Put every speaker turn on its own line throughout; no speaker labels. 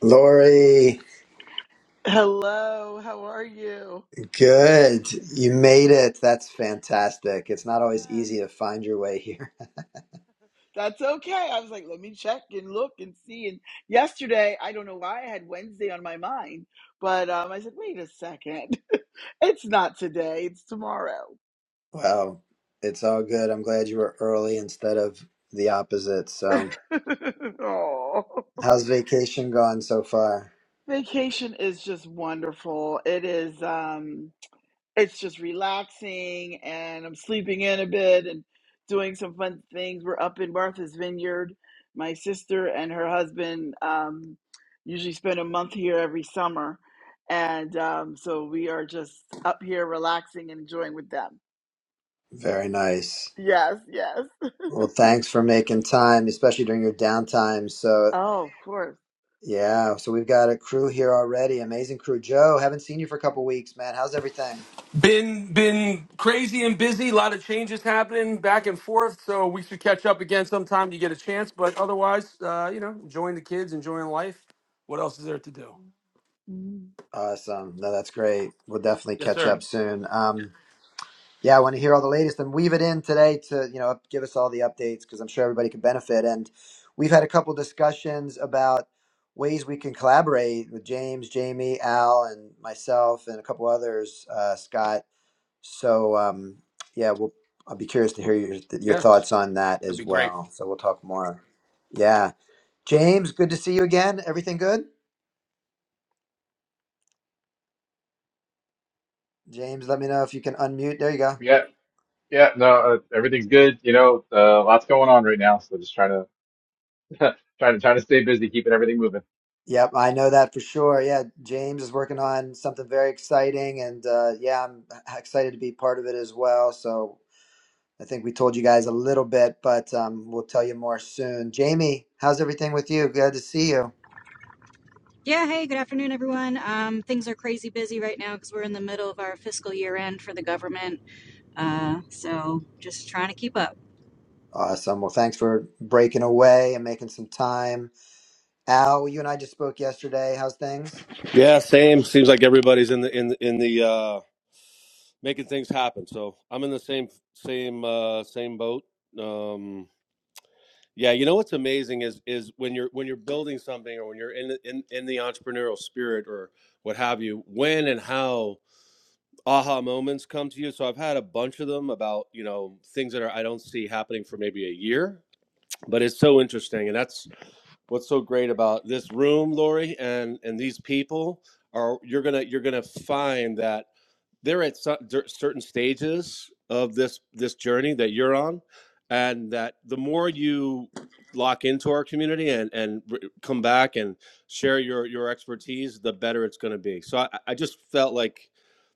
Lori,
Hello, how are you?
good. You made it. That's fantastic. It's not always
Yes.
easy to find your way here.
That's okay. I was like, let me check and look and see. And yesterday, I don't know why I had Wednesday on my mind, but um, I said, wait a second. It's not today, it's tomorrow.
Well, it's all good. I'm glad you were early instead of the opposite. So,
oh.
how's vacation gone so far?
Vacation is just wonderful. It is um it's just relaxing and I'm sleeping in a bit and doing some fun things. We're up in Martha's Vineyard. My sister and her husband um, usually spend a month here every summer. And um, so we are just up here relaxing and enjoying with them.
Very nice.
Yes, yes.
Well, thanks for making time, especially during your downtime. So,
Oh, of course.
yeah, so we've got a crew here already. Amazing crew. Joe, haven't seen you for a couple weeks, man. How's everything?
Been been crazy and busy. A lot of changes happening back and forth. So we should catch up again sometime. You get a chance, but otherwise, uh, you know, enjoying the kids, enjoying life. What else is there to do?
Mhm.
Awesome. No, that's great. We'll definitely
Yes,
catch
sir.
up soon. Um, Yeah, I want to hear all the latest and weave it in today to, you know, give us all the updates because I'm sure everybody could benefit. And we've had a couple discussions about ways we can collaborate with James, Jamie, Al, and myself, and a couple others, uh, Scott. So, um, yeah, we'll, I'll be curious to hear your, your
Yeah,
thoughts on that
that'd be
as
great.
well. So we'll talk more. Yeah. James, good to see you again. Everything good? James, let me know if you can unmute. There you go.
Yeah, yeah, no, uh, everything's good. You know, uh, lots going on right now, so just trying to trying to trying to stay busy, keeping everything moving.
Yep, I know that for sure. Yeah, James is working on something very exciting, and uh, yeah, I'm excited to be part of it as well. So I think we told you guys a little bit, but um, we'll tell you more soon. Jamie, how's everything with you? Glad to see you.
Yeah, hey, good afternoon, everyone. Um, things are crazy busy right now because we're in the middle of our fiscal year end for the government. Uh, so just trying to keep up.
Awesome. Well, thanks for breaking away and making some time. Al, you and I just spoke yesterday. How's things?
Yeah, same. Seems like everybody's in the in the- in the uh, making things happen. So I'm in the same same uh, same boat. Um, yeah, you know what's amazing is is when you're when you're building something or when you're in in in the entrepreneurial spirit or what have you. When and how aha moments come to you. So I've had a bunch of them about you know things that are I don't see happening for maybe a year, but it's so interesting, and that's what's so great about this room, Lori, and and these people are you're gonna you're gonna find that they're at so- certain stages of this this journey that you're on and that the more you lock into our community and and come back and share your your expertise the better it's going to be so I, I just felt like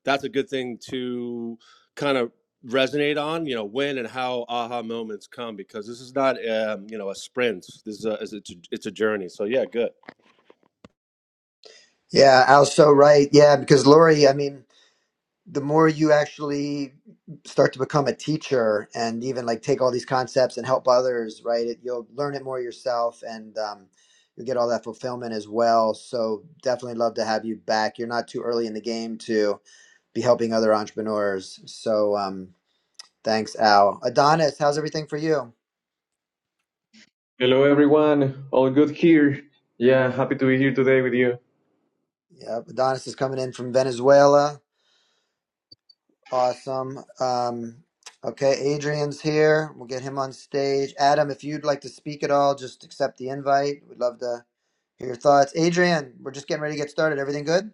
that's a good thing to kind of resonate on you know when and how aha moments come because this is not um you know a sprint this is a it's a, it's a journey so yeah good
Yeah, Al's so right. Yeah, because Lori, I mean, the more you actually start to become a teacher and even like take all these concepts and help others right it, you'll learn it more yourself and um, you'll get all that fulfillment as well so definitely love to have you back you're not too early in the game to be helping other entrepreneurs so um, thanks al adonis how's everything for you
Hello, everyone. All good here. Yeah, happy to be here today with you.
yep adonis is coming in from venezuela Awesome. Um, okay, Adrian's here. We'll get him on stage. Adam, if you'd like to speak at all, just accept the invite. We'd love to hear your thoughts. Adrian, we're just getting ready to get started. Everything good?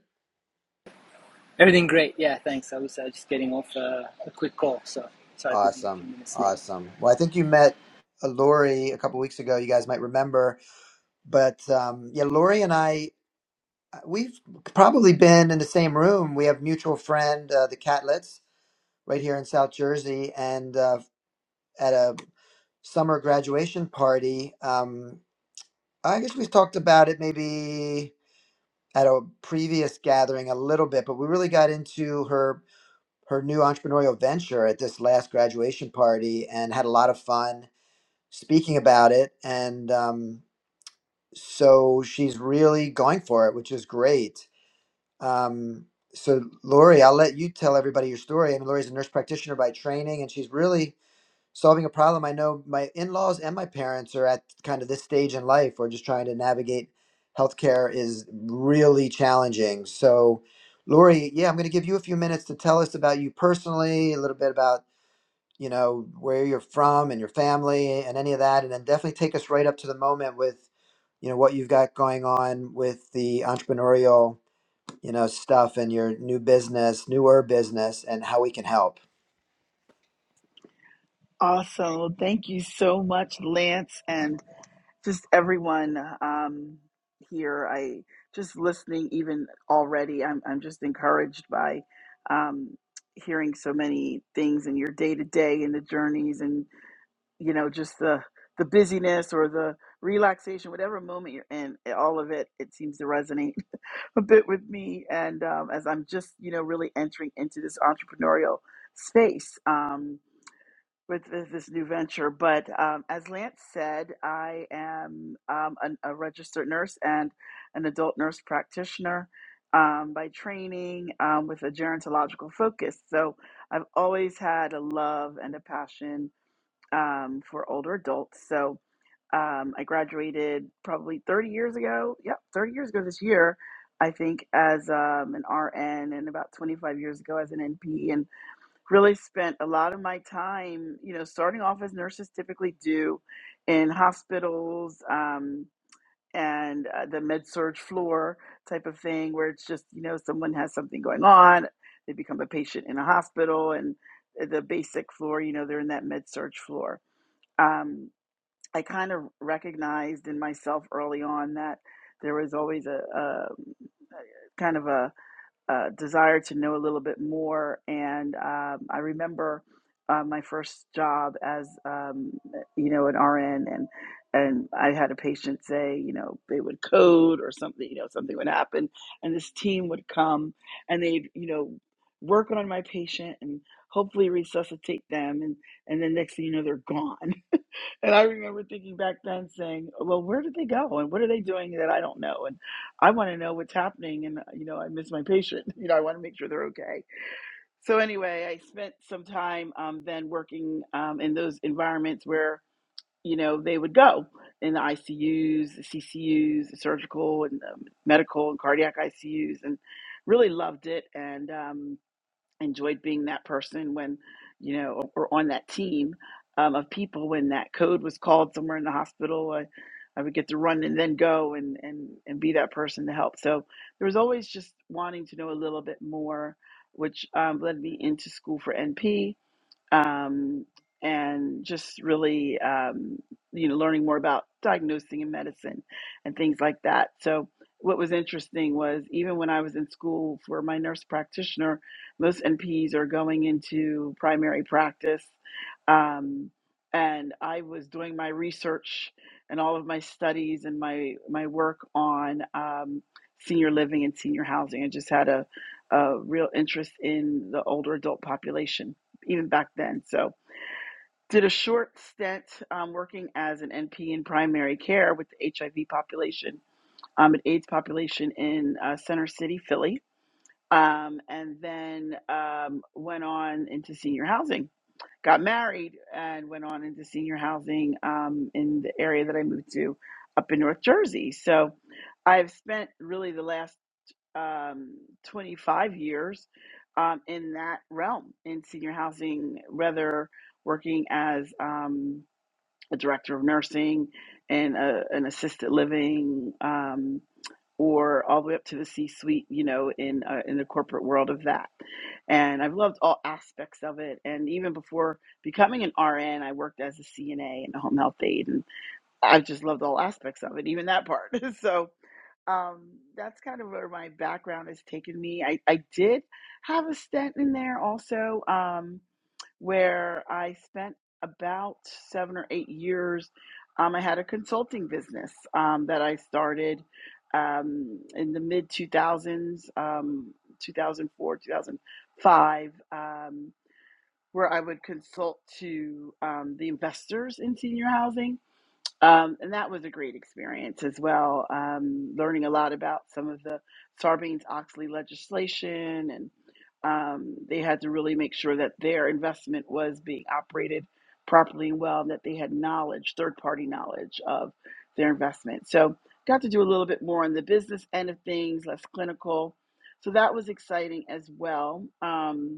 Everything great. Yeah, thanks. I was uh, just getting off uh, a quick call, so sorry for being a few
Awesome.
minutes late.
Awesome. Well, I think you met uh, Lori a couple weeks ago. You guys might remember. But um, yeah, Lori and I, uh, we've probably been in the same room. We have mutual friend, uh, the Catlets, right here in South Jersey. And uh, at a summer graduation party. Um, I guess we talked about it maybe at a previous gathering a little bit, but we really got into her her new entrepreneurial venture at this last graduation party and had a lot of fun speaking about it. And um, so she's really going for it, which is great. Um, so Lori, I'll let you tell everybody your story. I mean, Lori's a nurse practitioner by training, and she's really solving a problem. I know my in-laws and my parents are at kind of this stage in life where just trying to navigate healthcare is really challenging. So, Lori, yeah, I'm going to give you a few minutes to tell us about you personally, a little bit about you know where you're from and your family and any of that, and then definitely take us right up to the moment with you know what you've got going on with the entrepreneurial you know stuff and your new business, newer business, and how we can help.
Awesome. Well, thank you so much, Lance. and. just everyone um, here. I just listening even already. I'm I'm just encouraged by um, hearing so many things in your day to day and the journeys and you know just the the busyness or the relaxation, whatever moment you're in. All of it it seems to resonate a bit with me. And um, as I'm just you know really entering into this entrepreneurial space. Um, with this, this new venture. But um, as Lance said, I am um, an, a registered nurse and an adult nurse practitioner um, by training um, with a gerontological focus. So I've always had a love and a passion um, for older adults. So um, I graduated probably 30 years ago. Yep, 30 years ago this year. I think as um, an RN and about 25 years ago as an NP and really spent a lot of my time, you know, starting off as nurses typically do in hospitals um, and uh, the med surge floor type of thing, where it's just, you know, someone has something going on, they become a patient in a hospital, and uh, the basic floor, you know, they're in that med surge floor. Um, I kind of recognized in myself early on that there was always a, a kind of a uh, desire to know a little bit more. And um, I remember uh, my first job as um, you know an RN, and and I had a patient say, you know, they would code or something, you know, something would happen, and this team would come and they'd you know work on my patient and hopefully resuscitate them, and and then next thing you know they're gone. And I remember thinking back then saying, well, where did they go and what are they doing that I don't know? and. I want to know what's happening, and you know, I miss my patient. You know, I want to make sure they're okay. So anyway, I spent some time um, then working um, in those environments where you know they would go in the ICUs, the CCUs, the surgical and um, medical and cardiac ICUs, and really loved it. And um, enjoyed being that person when, you know, or on that team um, of people when that code was called somewhere in the hospital. I, I would get to run and then go and, and, and be that person to help. So there was always just wanting to know a little bit more, which um, led me into school for NP um, and just really, um, you know, learning more about diagnosing and medicine and things like that. So, what was interesting was even when I was in school for my nurse practitioner, most NPs are going into primary practice. Um, and I was doing my research and all of my studies and my, my work on um, senior living and senior housing. I just had a, a real interest in the older adult population even back then. So did a short stint um, working as an NP in primary care with the HIV population, um, an AIDS population in uh, Center City, Philly, um, and then um, went on into senior housing. Got married and went on into senior housing um, in the area that I moved to up in North Jersey. So I've spent really the last um, 25 years um, in that realm in senior housing, whether working as um, a director of nursing and a, an assisted living, um, or all the way up to the C-suite, you know, in uh, in the corporate world of that. And I've loved all aspects of it. And even before becoming an RN, I worked as a CNA and a home health aide, and I've just loved all aspects of it, even that part. so um, that's kind of where my background has taken me. I, I did have a stint in there also, um, where I spent about seven or eight years. Um, I had a consulting business um, that I started um, in the mid 2000s, um, 2004, 2005, um, where I would consult to um, the investors in senior housing um, and that was a great experience as well, um, learning a lot about some of the Sarbanes-Oxley legislation. And um, they had to really make sure that their investment was being operated properly and well, and that they had knowledge, third-party knowledge of their investment. So got to do a little bit more on the business end of things, less clinical. So that was exciting as well. Um,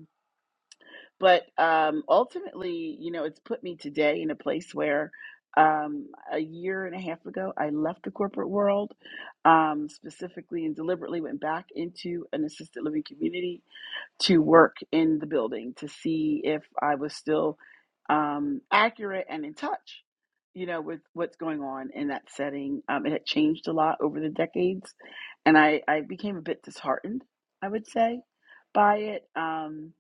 but um, ultimately, you know, it's put me today in a place where um, a year and a half ago, I left the corporate world, um, specifically and deliberately went back into an assisted living community to work in the building to see if I was still um, accurate and in touch, you know, with what's going on in that setting. Um, it had changed a lot over the decades, and I, I became a bit disheartened, I would say, by it. Um,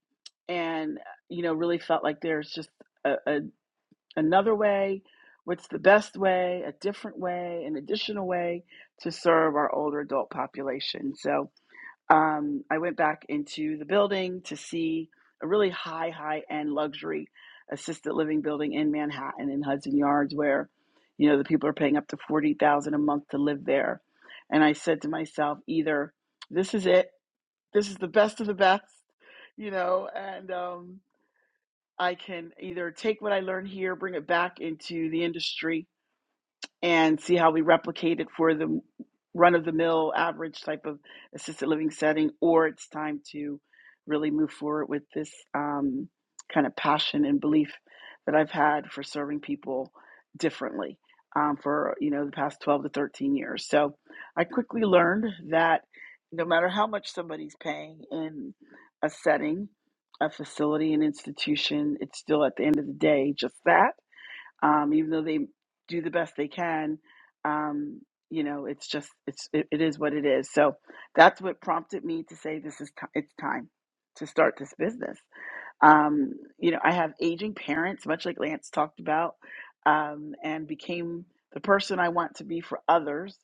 and, you know, really felt like there's just a, a, another way. What's the best way, a different way, an additional way to serve our older adult population? So, um, I went back into the building to see a really high, high end luxury assisted living building in Manhattan in Hudson Yards, where you know the people are paying up to forty thousand dollars a month to live there. And I said to myself, either this is it, this is the best of the best, you know, and um, I can either take what I learned here, bring it back into the industry, and see how we replicate it for the run of the mill average type of assisted living setting, or it's time to really move forward with this um, kind of passion and belief that I've had for serving people differently um, for you know the past 12 to 13 years. So I quickly learned that no matter how much somebody's paying in a setting, a facility, an institution, it's still at the end of the day just that um, even though they do the best they can. Um, you know, it's just it's it, it is what it is. So that's what prompted me to say this is t- it's time to start this business um, you know, I have aging parents, much like Lance talked about, um, and became the person I want to be for others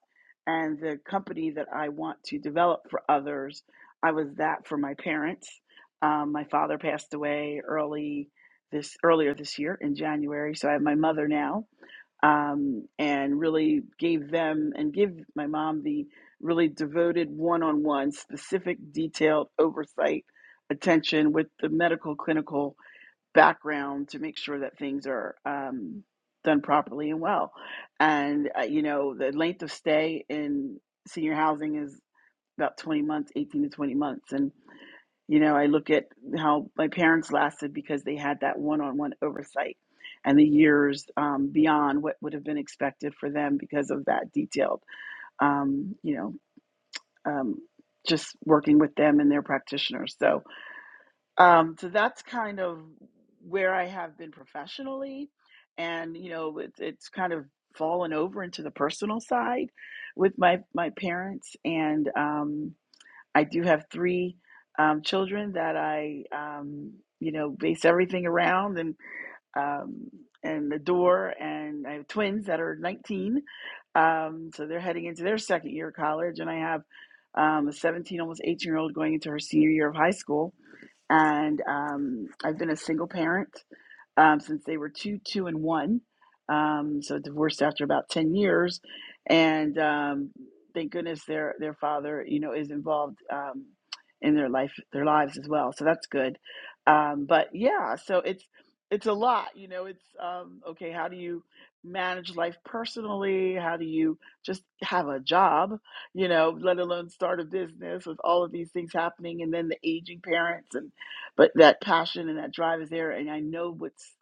and the company that I want to develop for others. I was that for my parents. Um, my father passed away early this earlier this year in January, so I have my mother now um, and really gave them and give my mom the really devoted one-on-one specific detailed oversight attention with the medical clinical background to make sure that things are um, done properly and well and uh, you know the length of stay in senior housing is about 20 months, 18 to 20 months. And, you know, I look at how my parents lasted because they had that one on one oversight and the years um, beyond what would have been expected for them because of that detailed, um, you know, um, just working with them and their practitioners. So, um, so that's kind of where I have been professionally. And, you know, it's it's kind of fallen over into the personal side with my, my parents. And, um, I do have three um, children that I, um, you know, base everything around and um, and adore, and I have twins that are 19, um, so they're heading into their second year of college, and I have um, a 17, almost 18 year old going into her senior year of high school, and um, I've been a single parent um, since they were two, two, and one. Um, so divorced after about ten years, and um, thank goodness their their father, you know, is involved um, in their life, their lives as well. So that's good. Um, but yeah, so it's it's a lot, you know. It's um, okay. How do you manage life personally? How do you just have a job, you know, let alone start a business with all of these things happening, and then the aging parents and but that passion and that drive is there and i know what's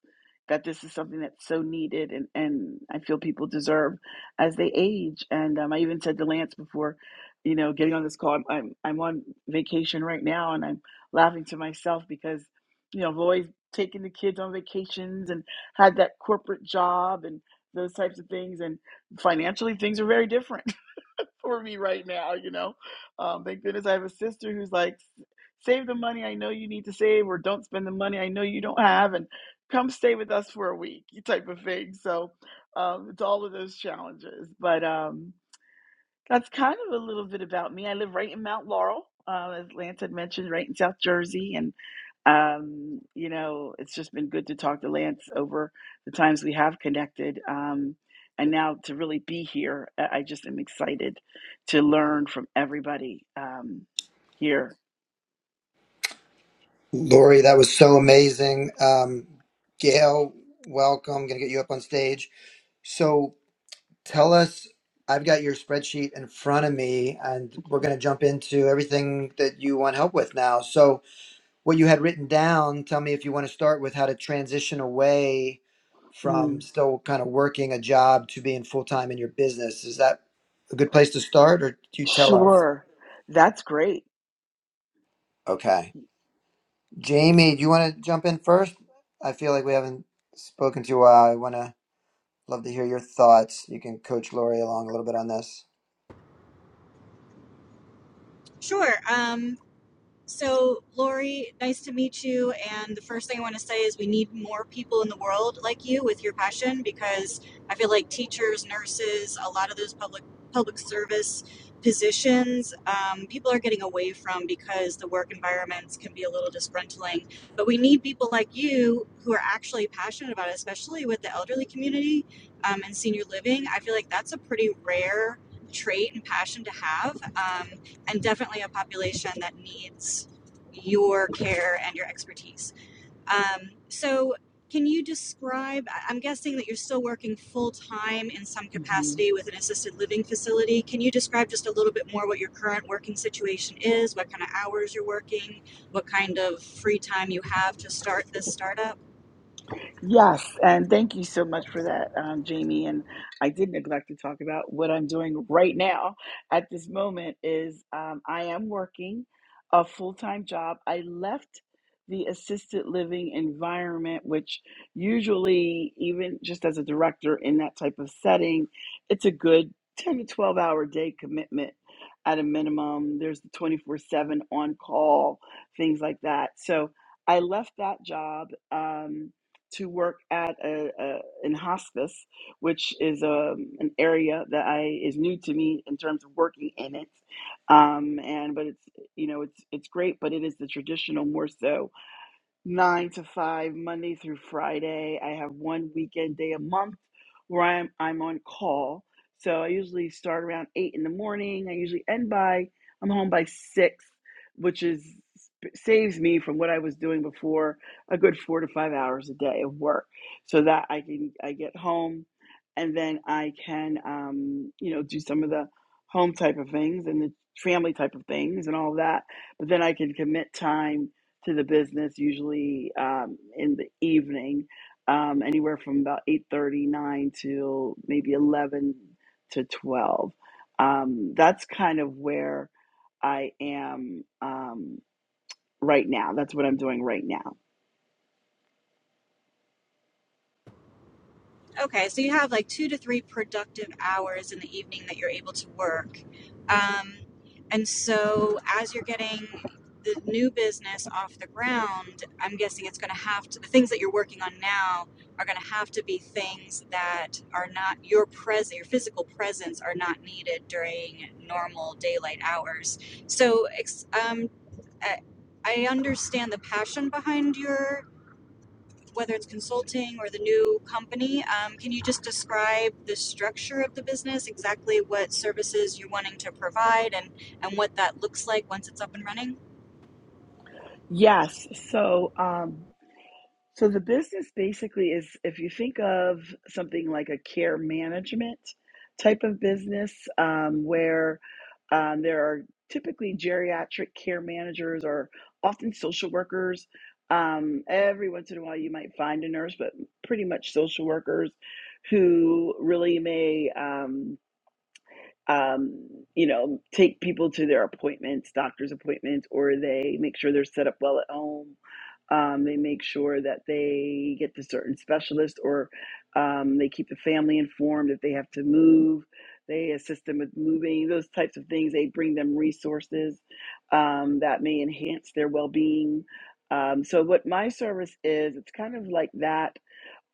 that this is something that's so needed and, and i feel people deserve as they age and um, i even said to lance before you know getting on this call I'm, I'm i'm on vacation right now and i'm laughing to myself because you know i've always taken the kids on vacations and had that corporate job and those types of things and financially things are very different for me right now, you know. Um, thank goodness I have a sister who's like, save the money I know you need to save, or don't spend the money I know you don't have, and come stay with us for a week, type of thing. So um, it's all of those challenges. But, um, that's kind of a little bit about me. I live right in Mount Laurel, uh, as Lance had mentioned, right in South Jersey. And, um, you know, it's just been good to talk to Lance over the times we have connected. Um, and now to really be here, I I just am excited to learn from everybody um, here.
Lori, that was so amazing. Um, Gail, welcome. Going to get you up on stage. So tell us, I've got your spreadsheet in front of me, and we're
Okay.
going to jump into everything that you want help with now. So, what you had written down, tell me if you want to start with how to transition away from
Mm,
still kind of working a job to being full time in your business. Is that a good place to start, or do you tell us?
sure. That's great.
Okay. Jamie, do you want to jump in first? I feel like we haven't spoken to you. in a while. I want to love to hear your thoughts. You can coach Lori along a little bit on this.
Sure. Um, So, Lori, nice to meet you. And the first thing I want to say is we need more people in the world like you with your passion because I feel like teachers, nurses, a lot of those public public service positions, um, people are getting away from because the work environments can be a little disgruntling. But we need people like you who are actually passionate about it, especially with the elderly community um, and senior living. I feel like that's a pretty rare trait and passion to have. Um, and definitely a population that needs your care and your expertise. Um, so, can you describe? I- I'm guessing that you're still working full time in some capacity with an assisted living facility. Can you describe just a little bit more what your current working situation is, what kind of hours you're working, what kind of free time you have to start this startup?
Yes, and thank you so much for that, um, Jamie. And I did neglect to talk about what I'm doing right now at this moment is um, I am working a full-time job. I left the assisted living environment, which usually, even just as a director in that type of setting, it's a good 10 to 12 hour day commitment at a minimum. There's the 24/7 on call, things like that. So I left that job. Um, to work at a, a in hospice, which is um, an area that I is new to me in terms of working in it. Um, and but it's you know it's it's great, but it is the traditional more so nine to five, Monday through Friday. I have one weekend day a month where I'm I'm on call. So I usually start around eight in the morning. I usually end by I'm home by six, which is saves me from what I was doing before a good four to five hours a day of work, so that I can I get home, and then I can um, you know do some of the home type of things and the family type of things and all that. But then I can commit time to the business usually um, in the evening um, anywhere from about eight thirty nine to maybe 11 to 12 um, that's kind of where i am um, right now that's what i'm doing right now
Okay, so you have like two to three productive hours in the evening that you're able to work. Um, and so as you're getting the new business off the ground, I'm guessing it's going to have to, the things that you're working on now are going to have to be things that are not your present, your physical presence are not needed during normal daylight hours. So, ex- um, I I understand the passion behind your whether it's consulting or the new company. Um, can you just describe the structure of the business, exactly what services you're wanting to provide, and and what that looks like once it's up and running?
yes so um, So the business basically is if you think of something like a care management type of business um, where um, there are typically geriatric care managers or often social workers. Um, every once in a while, you might find a nurse, but pretty much social workers who really may. Um, um, you know, take people to their appointments, doctor's appointments, or they make sure they're set up well at home. Um, they make sure that they get to certain specialists or um, they keep the family informed if they have to move. They assist them with moving, those types of things. They bring them resources um, that may enhance their well being. Um, so, what my service is, it's kind of like that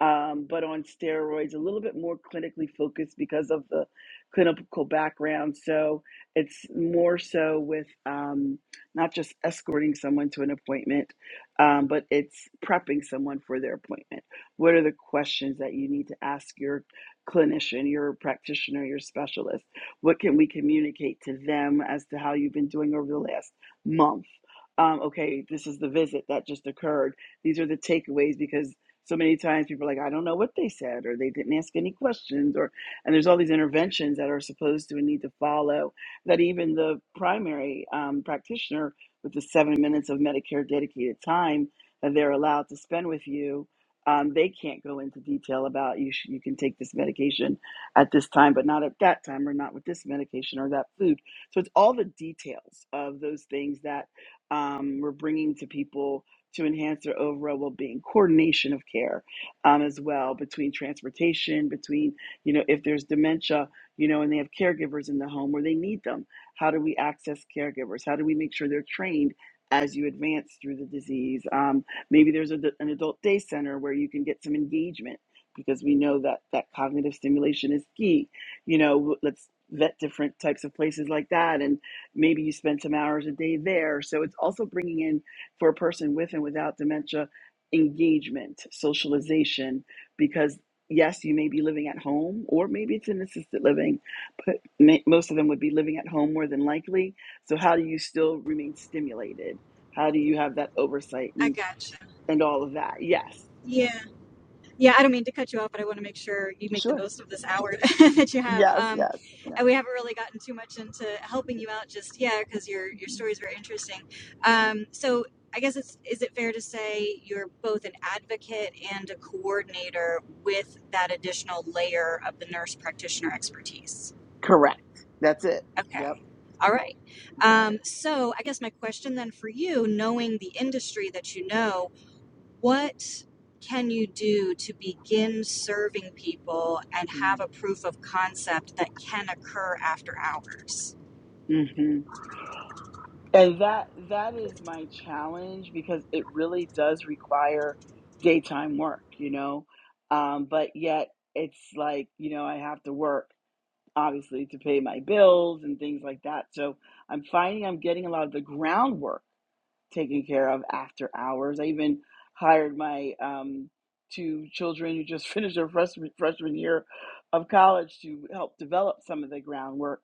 um, but on steroids, a little bit more clinically focused because of the clinical background. So it's more so with um, not just escorting someone to an appointment, um, but it's prepping someone for their appointment. What are the questions that you need to ask your clinician, your practitioner, your specialist? What can we communicate to them as to how you've been doing over the last month? Um, okay, this is the visit that just occurred. These are the takeaways because so many times people are like, I don't know what they said, or they didn't ask any questions, or and there's all these interventions that are supposed to and need to follow that even the primary um, practitioner with the seven minutes of Medicare dedicated time that they're allowed to spend with you, um, they can't go into detail about you. Sh- you can take this medication at this time, but not at that time, or not with this medication or that food. So it's all the details of those things that um, we're bringing to people to enhance their overall well-being coordination of care um, as well between transportation between you know if there's dementia you know and they have caregivers in the home where they need them how do we access caregivers how do we make sure they're trained as you advance through the disease um, maybe there's a, an adult day center where you can get some engagement because we know that that cognitive stimulation is key you know let's vet different types of places like that and maybe you spend some hours a day there so it's also bringing in for a person with and without dementia engagement, socialization, because yes, you may be living at home or maybe it's in assisted living, but most of them would be living at home more than likely. So, how do you still remain stimulated? How do you have that oversight
I
and,
gotcha.
and all of that? Yes,
Yeah. Yeah, I don't mean to cut you off, but I want to make sure you make the
sure.
most of this hour that you have.
Yes,
Um,
yes,
and we haven't really gotten too much into helping you out just yet because your your
yes.
story is very interesting. Um, so I guess it's is it fair to say you're both an advocate and a coordinator with that additional layer of the nurse practitioner expertise?
Correct. That's it.
Okay,
Yep,
all right.
got it.
Um, so I guess my question then for you, knowing the industry that you know, what can you do to begin serving people and
Mm-hmm.
have a proof of concept that can occur after hours?
Mm-hmm. And that that is my challenge because it really does require daytime work, you know. Um, but yet it's like, you know, I have to work obviously to pay my bills and things like that. So I'm finding I'm getting a lot of the groundwork taken care of after hours. I even hired my um, two children who just finished their freshman, freshman year of college to help develop some of the groundwork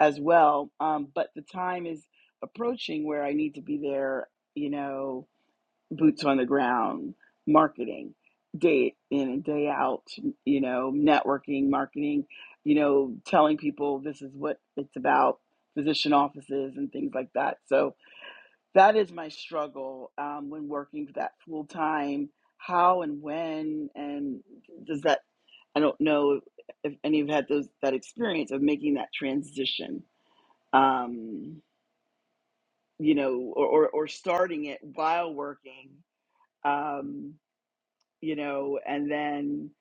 as well. Um, but the time is approaching where I need to be there, you know, boots on the ground, marketing, day in and day out, you know, networking, marketing, you know, telling people this is what it's about, physician offices and things like that. So, that is my struggle um, when working that full time. How and when and does that? I don't know if any of you had those that experience of making that transition. Um, you know, or, or or starting it while working. Um, you know, and then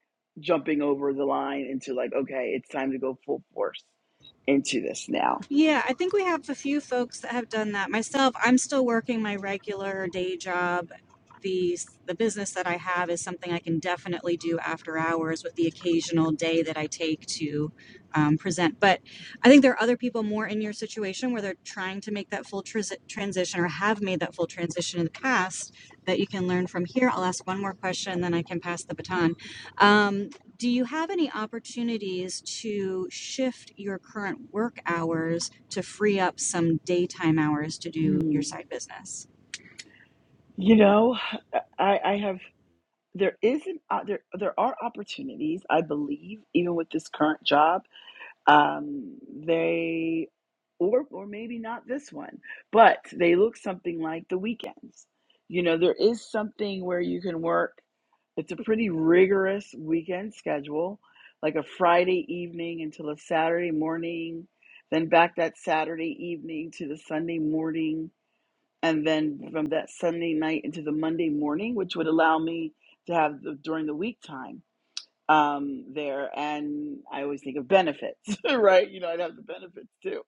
jumping over the line into like, okay, it's time to go full force into this now.
Yeah, I think we have a few folks that have done that. Myself, I'm still working my regular day job. The the business that I have is something I can definitely do after hours with the occasional day that I take to um, present. But I think there are other people more in your situation where they're trying to make that full tris- transition or have made that full transition in the past that you can learn from here. I'll ask one more question, then I can pass the baton. Um, do you have any opportunities to shift your current work hours to free up some daytime hours to do your
Mm.
side business?
You know, I, I have there is isn't there there are opportunities I believe even with this current job Um, they, or or maybe not this one, but they look something like the weekends. You know, there is something where you can work. It's a pretty rigorous weekend schedule, like a Friday evening until a Saturday morning, then back that Saturday evening to the Sunday morning, and then from that Sunday night into the Monday morning, which would allow me to have the, during the week time um, there, and I always think of benefits, right? You know, I'd have the benefits too.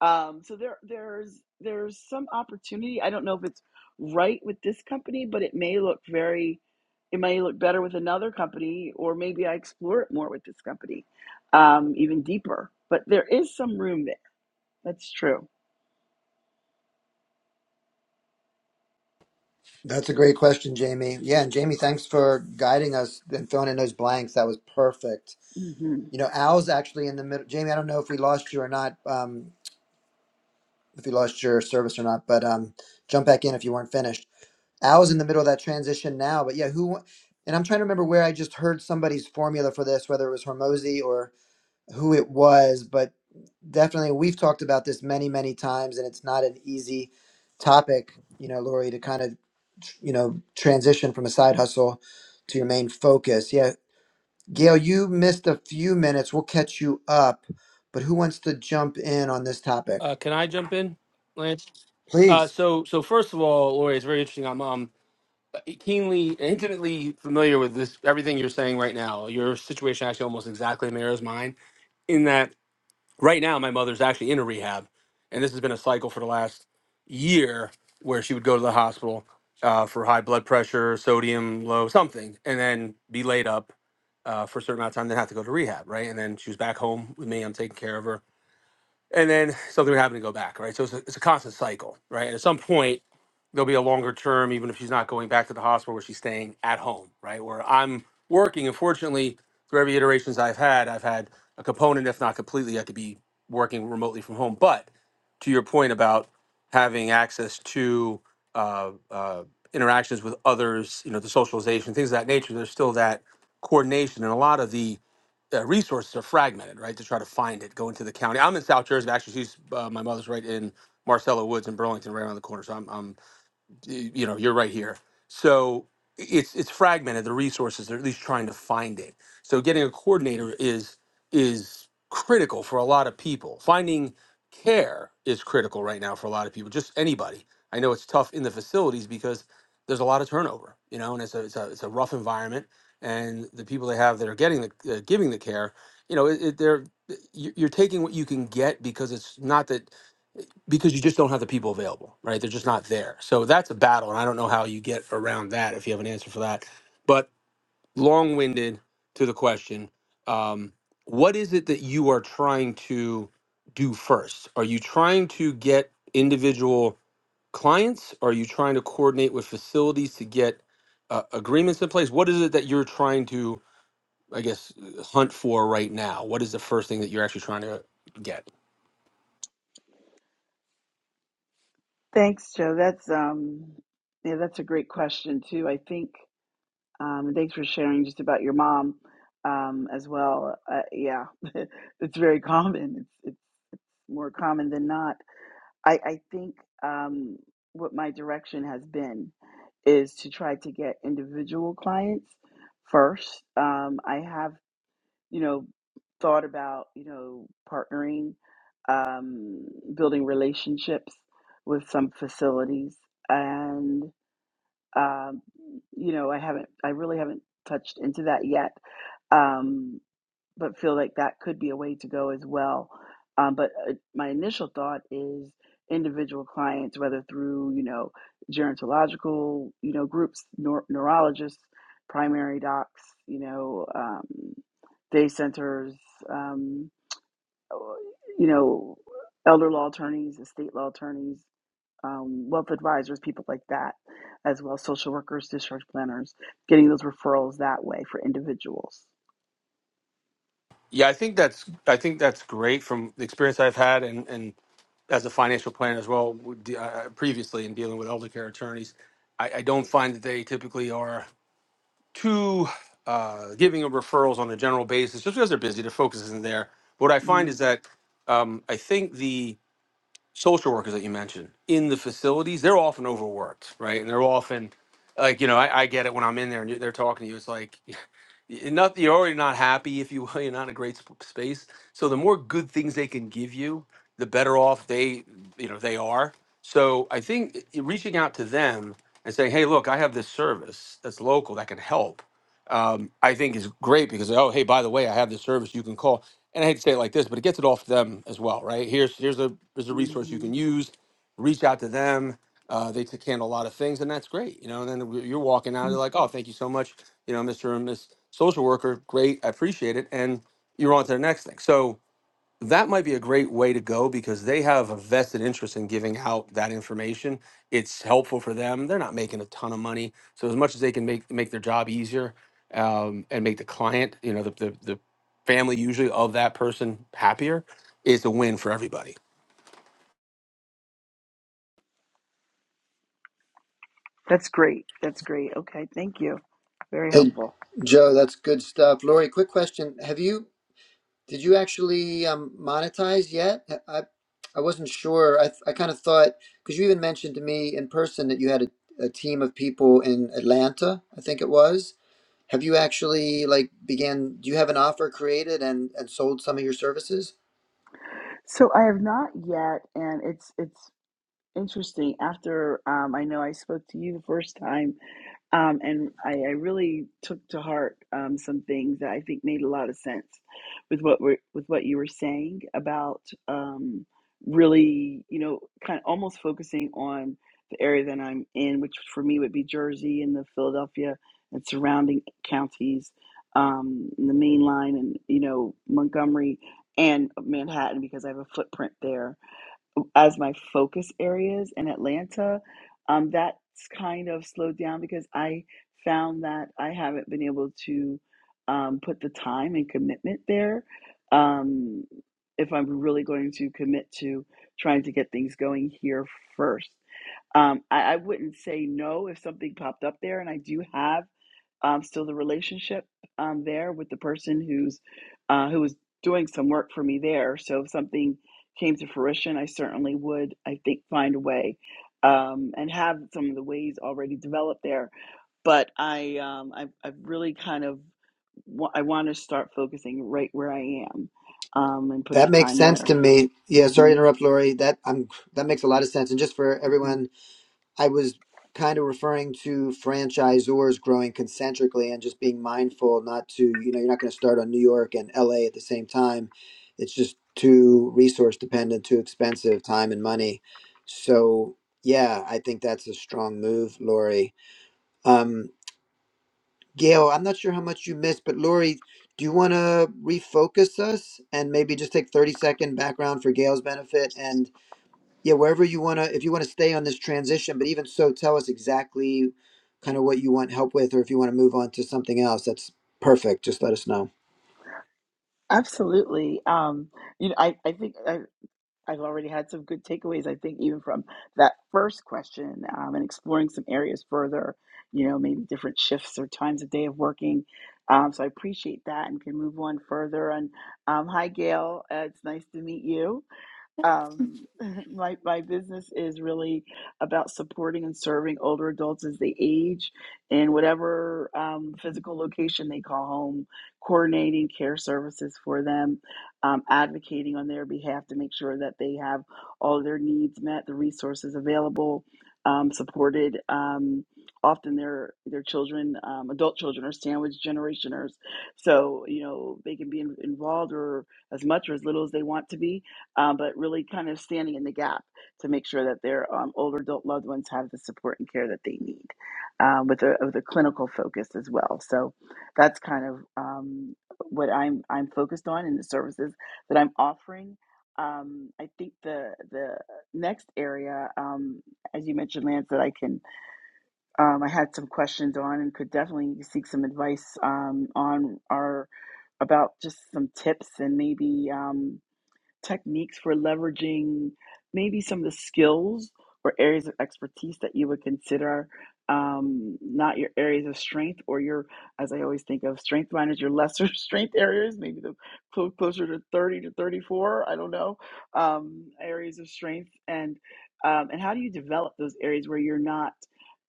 Um, so there, there's there's some opportunity. I don't know if it's right with this company, but it may look very, it may look better with another company, or maybe I explore it more with this company, um, even deeper. But there is some room there. That's true.
That's a great question, Jamie. Yeah, and Jamie, thanks for guiding us and filling in those blanks. That was perfect.
hmm
You know, Al's actually in the middle. Jamie, I don't know if we lost you or not, um, if you lost your service or not, but um, jump back in if you weren't finished. Al's in the middle of that transition now, but yeah, who? And I'm trying to remember where I just heard somebody's formula for this, whether it was Hormozy who it was, but definitely we've talked about this many, many times, and it's not an easy topic, you know, Lori, to kind of, you know, transition from a side hustle to your main focus. Yeah. Gail, you missed a few minutes. We'll catch you up, but who wants to jump in on this topic?
Uh, can I jump in, Lance? Uh,
Please.
so so first of all, Lori, it's very interesting. I'm um keenly, intimately familiar with this everything you're saying right now. Your situation actually almost exactly mirrors mine in that Right now, my mother's actually in a rehab, and this has been a cycle for the last year where she would go to the hospital uh, for high blood pressure, sodium low, something, and then be laid up uh, for a certain amount of time, then have to go to rehab, right? And then she was back home with me. I'm taking care of her and then something would happen to go back, right? So it's a, it's a constant cycle, right? And at some point, there'll be a longer term, even if she's not going back to the hospital where she's staying at home, right? Where I'm working. And fortunately, through every iterations I've had, I've had a component, if not completely, I could be working remotely from home. But to your point about having access to uh, uh, interactions with others, you know, the socialization, things of that nature, there's still that coordination. And a lot of the uh, resources are fragmented, right? To try to find it, go into the county. I'm in South Jersey. Actually, she's uh, my mother's right in Marcella Woods in Burlington, right around the corner. So I'm, I'm you know you're right here so it's it's fragmented the resources they're at least trying to find it so getting a coordinator is is critical for a lot of people finding care is critical right now for a lot of people just anybody i know it's tough in the facilities because there's a lot of turnover you know and it's a it's a, it's a rough environment and the people they have that are getting the uh, giving the care you know it, it, they're you- you're taking what you can get because it's not that because you just don't have the people available, right? They're just not there. So that's a battle, and I don't know how you get around that if you have an answer for that. But long-winded to the question, um, what is it that you are trying to do first? Are you trying to get individual clients? Are you trying to coordinate with facilities to get uh, agreements in place? What is it that you're trying to, I guess, hunt for right now? What is the first thing that you're actually trying to get?
Thanks, Joe. That's um, yeah, that's a great question too. I think. Um, and thanks for sharing just about your mom um, as well. Uh, yeah, it's very common. It's it's more common than not. I I think um, what my direction has been is to try to get individual clients first. Um, I have you know thought about you know partnering, um, building relationships with some facilities, um, you know, I haven't, I really haven't touched into that yet, um, but feel like that could be a way to go as well. Um, but uh, my initial thought is individual clients, whether through, you know, gerontological, you know, groups, neur neurologists, primary docs, you know, um, day centers, um, you know, elder law attorneys, estate law attorneys, um, wealth advisors, people like that, as well as social workers, discharge planners, getting those referrals that way for individuals.
Yeah, I think that's I think that's great from the experience I've had, and and as a financial planner as well, with de- uh, previously in dealing with elder care attorneys, I, I don't find that they typically are too uh, giving of referrals on a general basis, just because they're busy, their focus isn't there. What I find
Mm-hmm.
is that um, I think the social workers that you mentioned in the facilities, they're often overworked, right? And they're often like, you know, I, I get it when I'm in there and you- they're talking to you. It's like, you're not you're already not happy if you will, you're not in a great sp- space. So the more good things they can give you, the better off they, you know, they are. So I think i- reaching out to them and saying, hey, look, I have this service that's local that can help. Um, I think is great because oh hey by the way I have this service you can call and I hate to say it like this, but it gets it off them as well, right? Here's here's a here's a resource you can
Mm-hmm.
use. Reach out to them. Uh, they can handle a lot of things, and that's great, you know. And then w- you're walking out, they're like, "Oh, thank you so much, you know, Mr. and Miss Social Worker. Great, I appreciate it." And you're on to the next thing. So that might be a great way to go because they have a vested interest in giving out that information. It's helpful for them. They're not making a ton of money, so as much as they can make make their job easier um, and make the client, you know, the, the the family usually of that person happier, it's a win for everybody.
That's great. That's great. Okay, thank you. Very
Hey,
helpful.
Joe, that's good stuff. Lori, quick question. Have you Did you actually um, monetize yet? I, I wasn't sure. I, I kind of thought, because you even mentioned to me in person that you had a, a team of people in Atlanta, I think it was. Have you actually like began, do you have an offer created and, and sold some of your services?
So I have not yet, and it's it's interesting. After um, I know I spoke to you the first time Um, and I, I really took to heart um, some things that I think made a lot of sense with what we're, with what you were saying about um, really, you know, kind of almost focusing on the area that I'm in, which for me would be Jersey and the Philadelphia and surrounding counties, um, the Main Line, and you know Montgomery and Manhattan because I have a footprint there as my focus areas in Atlanta, um, that's kind of slowed down because I found that I haven't been able to um, put the time and commitment there. Um, if I'm really going to commit to trying to get things going here first, um, I, I wouldn't say no if something popped up there and I do have um, still the relationship um, there with the person who's uh, who was doing some work for me there. So if something came to fruition, I certainly would, I think, find a way um, and have some of the ways already developed there. But I, um, I, I really kind of wa- I want to start focusing right where I am um, and put
That
the
makes
time
sense
there.
to me. Yeah, sorry to
hmm
interrupt, Lori. That I'm that makes a lot of sense. And just for
hmm
everyone I was kind of referring to franchisors growing concentrically and just being mindful not to, you know, you're not going to start on New York and LA at the same time. It's just too resource dependent, too expensive, time and money. So, yeah, I think that's a strong move, Lori. Um, Gail, I'm not sure how much you missed, but Lori, do you want to refocus us and maybe just take 30 second background for Gail's benefit? and yeah wherever you want to if you want to stay on this transition but even so tell us exactly kind of what you want help with or if you want to move on to something else that's perfect just let us know
Absolutely. Um, you know, I, I think. I, I've already had some good takeaways, I think, even from that first question um, and exploring some areas further, you know, maybe different shifts or times of day of working. Um, so I appreciate that and can move on further. And um, hi, Gail. Uh, it's nice to meet you um, my my business is really about supporting and serving older adults as they age in whatever um, physical location they call home, coordinating care services for them, um, advocating on their behalf to make sure that they have all of their needs met, the resources available, um, supported. Um, often their their children, um, adult children, are sandwich generationers, so you know they can be in, involved or as much or as little as they want to be um, but really kind of standing in the gap to make sure that their um, older adult loved ones have the support and care that they need um, with, a, with a clinical focus as well. So that's kind of um, what I'm, I'm focused on in the services that I'm offering. Um, I think the the next area, um, as you mentioned, Lance, that I can um, I had some questions on and could definitely seek some advice um, on are about just some tips and maybe. Um, techniques for leveraging maybe some of the skills or areas of expertise that you would consider um, not your areas of strength or your, as I always think of, strength minus your lesser strength areas, maybe the clo- closer to 30 to 34, I don't know, um, areas of strength. And, um, and how do you develop those areas where you're not,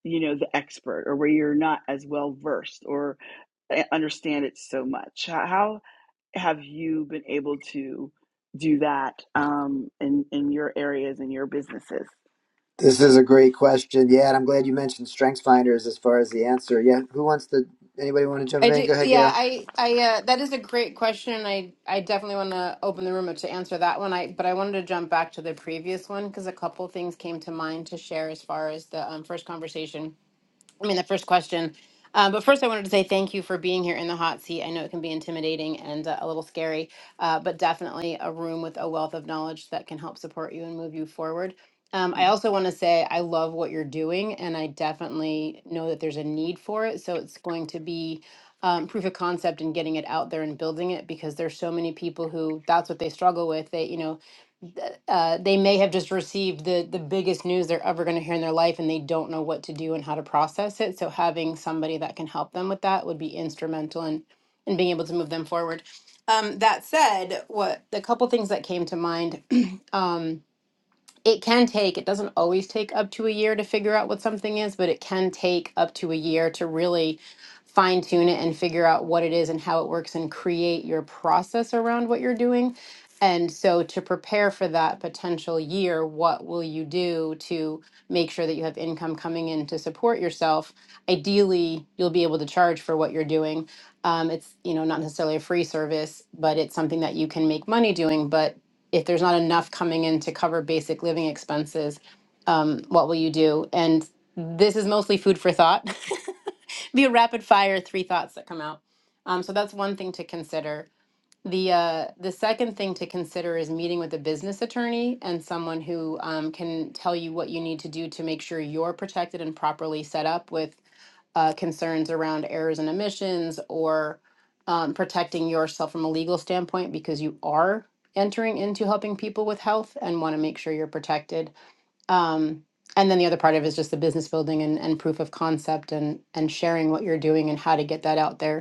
you know, the expert or where you're not as well versed or uh, understand it so much? How, have you been able to do that um, in in your areas and your businesses?
this is a great question yeah and i'm glad you mentioned strengths finders as far as the answer yeah who wants to anybody want to jump
I
in
do,
go ahead
yeah.
gail
I, I, uh, that is a great question, and I, I definitely want to open the room to answer that one. I, but I wanted to jump back to the previous one because a couple things came to mind to share as far as the um, first conversation. I mean, the first question. Um, but first, I wanted to say thank you for being here in the hot seat. I know it can be intimidating and uh, a little scary, uh, but definitely a room with a wealth of knowledge that can help support you and move you forward. Um, I also want to say I love what you're doing, and I definitely know that there's a need for it. So it's going to be um, proof of concept and getting it out there and building it because there's so many people who that's what they struggle with. They, you know, uh, they may have just received the the biggest news they're ever going to hear in their life and they don't know what to do and how to process it so having somebody that can help them with that would be instrumental in in being able to move them forward um, that said what the couple things that came to mind um, it can take it doesn't always take up to a year to figure out what something is but it can take up to a year to really fine tune it and figure out what it is and how it works and create your process around what you're doing and so to prepare for that potential year what will you do to make sure that you have income coming in to support yourself ideally you'll be able to charge for what you're doing um, it's you know not necessarily a free service but it's something that you can make money doing but if there's not enough coming in to cover basic living expenses, um, what will you do? And this is mostly food for thought. Be a rapid fire three thoughts that come out. Um, so that's one thing to consider. The uh, the second thing to consider is meeting with a business attorney and someone who um, can tell you what you need to do to make sure you're protected and properly set up with uh, concerns around errors and emissions or um, protecting yourself from a legal standpoint because you are entering into helping people with health and want to make sure you're protected. Um, and then the other part of it is just the business building and, and proof of concept and and sharing what you're doing and how to get that out there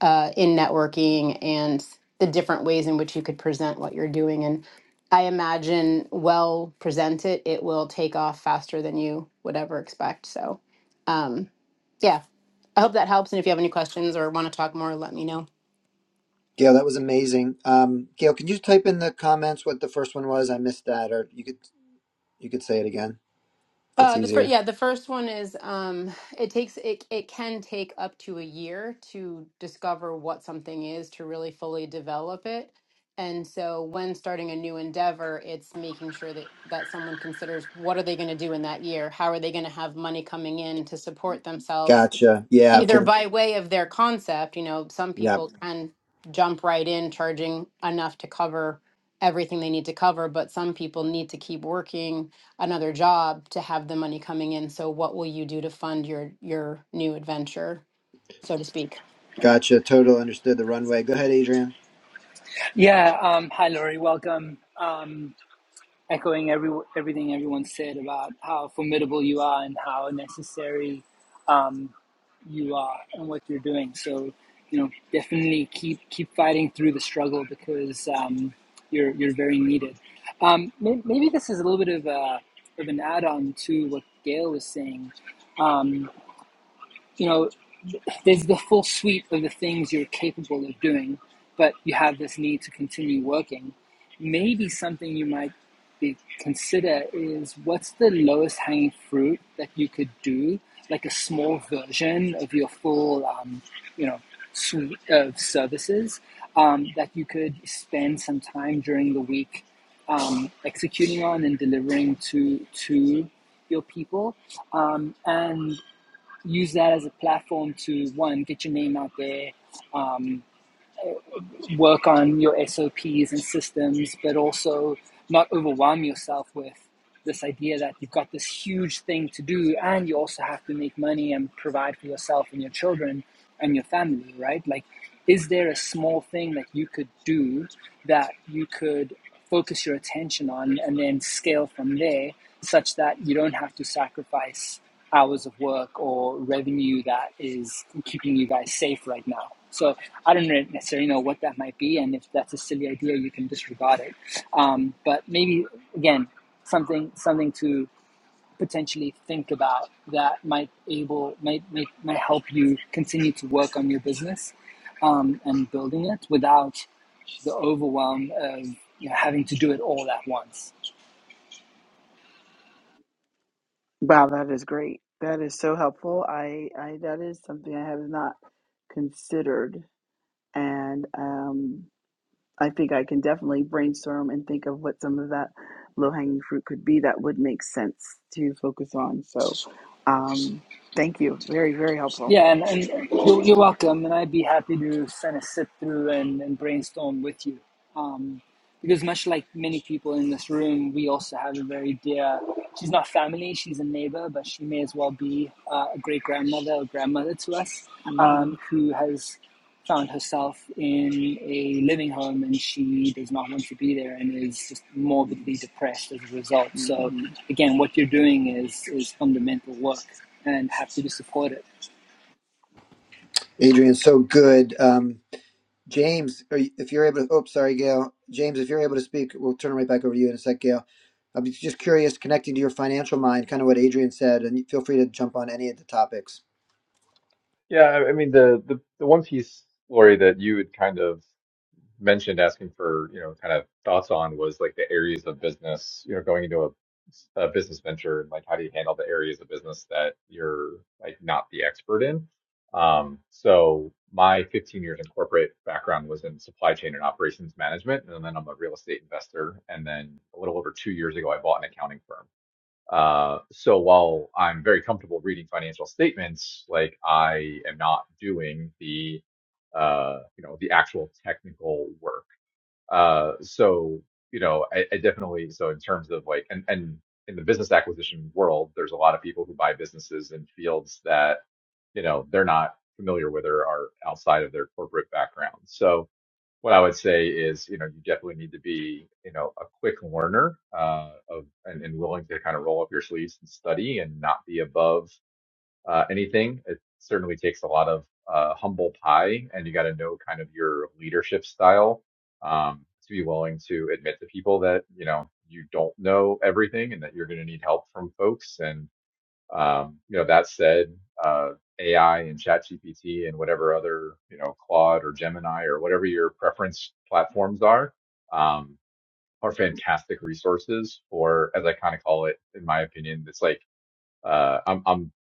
uh, in networking and the different ways in which you could present what you're doing. And I imagine, well presented, it it will take off faster than you would ever expect. So, um, yeah, I hope that helps. And if you have any questions or want to talk more, let me know.
gail that was amazing um, gail can you type in the comments what the first one was i missed that or you could you could say it again that's
Uh, the first,
easier
yeah, the first one is um, it takes it it can take up to a year to discover what something is to really fully develop it. And so when starting a new endeavor, it's making sure that that someone considers what are they going to do in that year? How are they going to have money coming in to support themselves?
gotcha yeah for
either
the
by way of their concept, you know, some
yeah
people Mhm. can jump right in charging enough to cover everything they need to cover, but some people need to keep working another job to have the money coming in. So what will you do to fund your your new adventure, so to speak?
gotcha total understood the runway go ahead adrian
Yeah. Um, hi, Laurie. Welcome. Um, echoing every everything everyone said about how formidable you are and how necessary um, you are and what you're doing. So, you know, definitely keep keep fighting through the struggle because um, you're you're very needed. Um, may- maybe this is a little bit of a, of an add-on to what Gail was saying. Um, you know, there's the full suite of the things you're capable of doing, but you have this need to continue working. Maybe something you might be, consider is what's the lowest hanging fruit that you could do, like a small version of your full, um, you know, suite of services um, that you could spend some time during the week um, executing on and delivering to to your people, um, and use that as a platform to one get your name out there work on your sops and systems but also not overwhelm yourself with this idea that you've got this huge thing to do and you also have to make money and provide for yourself and your children and your family, right? Like, is there a small thing that you could do that you could focus your attention on and then scale from there such that you don't have to sacrifice hours of work or revenue that is keeping you guys safe right now? So I don't necessarily know what that might be, and if that's a silly idea, you can disregard it. Um, but maybe again, something something to potentially think about that might able might might, might help you continue to work on your business um, and building it without the overwhelm of you know, having to do it all at once.
Wow, that is great. That is so helpful. I, I that is something I have not considered, and um, I think I can definitely brainstorm and think of what some of that low hanging fruit could be that would make sense to focus on. So, um, thank you. Very very helpful.
Yeah, and, and you're, you're welcome. And I'd be happy to kind of sit through and, and brainstorm with you. Um, because, much like many people in this room, we also have a very dear, she's not family, she's a neighbor, but she may as well be uh, a great grandmother or grandmother to us
hmm
um, who has found herself in a living home and she does not want to be there and is just morbidly depressed as a result. So,
hmm
again, what you're doing is, is fundamental work and happy to support it.
adrian so good um, James, are you, if you're able to, oops, sorry, Gail. James, if you're able to speak, we'll turn it right back over to you in a sec, Gail. I'm just curious, connecting to your financial mind, kind of what Adrian said, and feel free to jump on any of the topics.
Yeah, I I mean the the the one piece, Lori, that you had kind of mentioned asking for, you know, kind of thoughts on was like the areas of business, you know, going into a, a business venture and like how do you handle the areas of business that you're like not the expert in? Um, so my 15 years in corporate background was in supply chain and operations management, and then I'm a real estate investor. And then a little over two years ago, I bought an accounting firm. Uh, so while I'm very comfortable reading financial statements, like I am not doing the uh, you know the actual technical work. Uh, so you know I, I definitely so in terms of like and and in the business acquisition world, there's a lot of people who buy businesses in fields that you know they're not familiar with or are outside of their corporate background. So what I would say is, you know, you definitely need to be, you know, a quick learner uh, of and, and willing to kind of roll up your sleeves and study and not be above uh, anything. It certainly takes a lot of uh, humble pie, and you got to know kind of your leadership style um, to be willing to admit to people that you know you don't know everything and that you're going to need help from folks. and. Um, you know, that said, uh, AI and ChatGPT and whatever other, you know, Claude or Gemini or whatever your preference platforms are, um, are fantastic resources for, as I kind of call it, in my opinion, it's like uh, I'm, I'm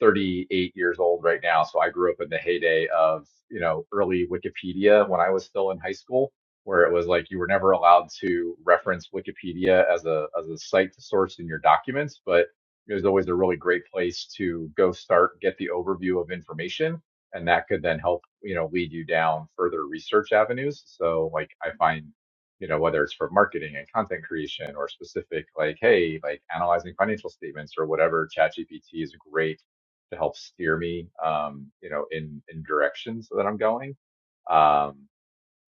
38 years old right now, so I grew up in the heyday of, you know, early Wikipedia when I was still in high school, where it was like you were never allowed to reference Wikipedia as a as a site to source in your documents, but it was always a really great place to go start, get the overview of information, and that could then help, you know, lead you down further research avenues. So like I find you know, whether it's for marketing and content creation or specific, like, hey, like analyzing financial statements or whatever, ChatGPT is great to help steer me, um, you know, in, in directions that I'm going. Um,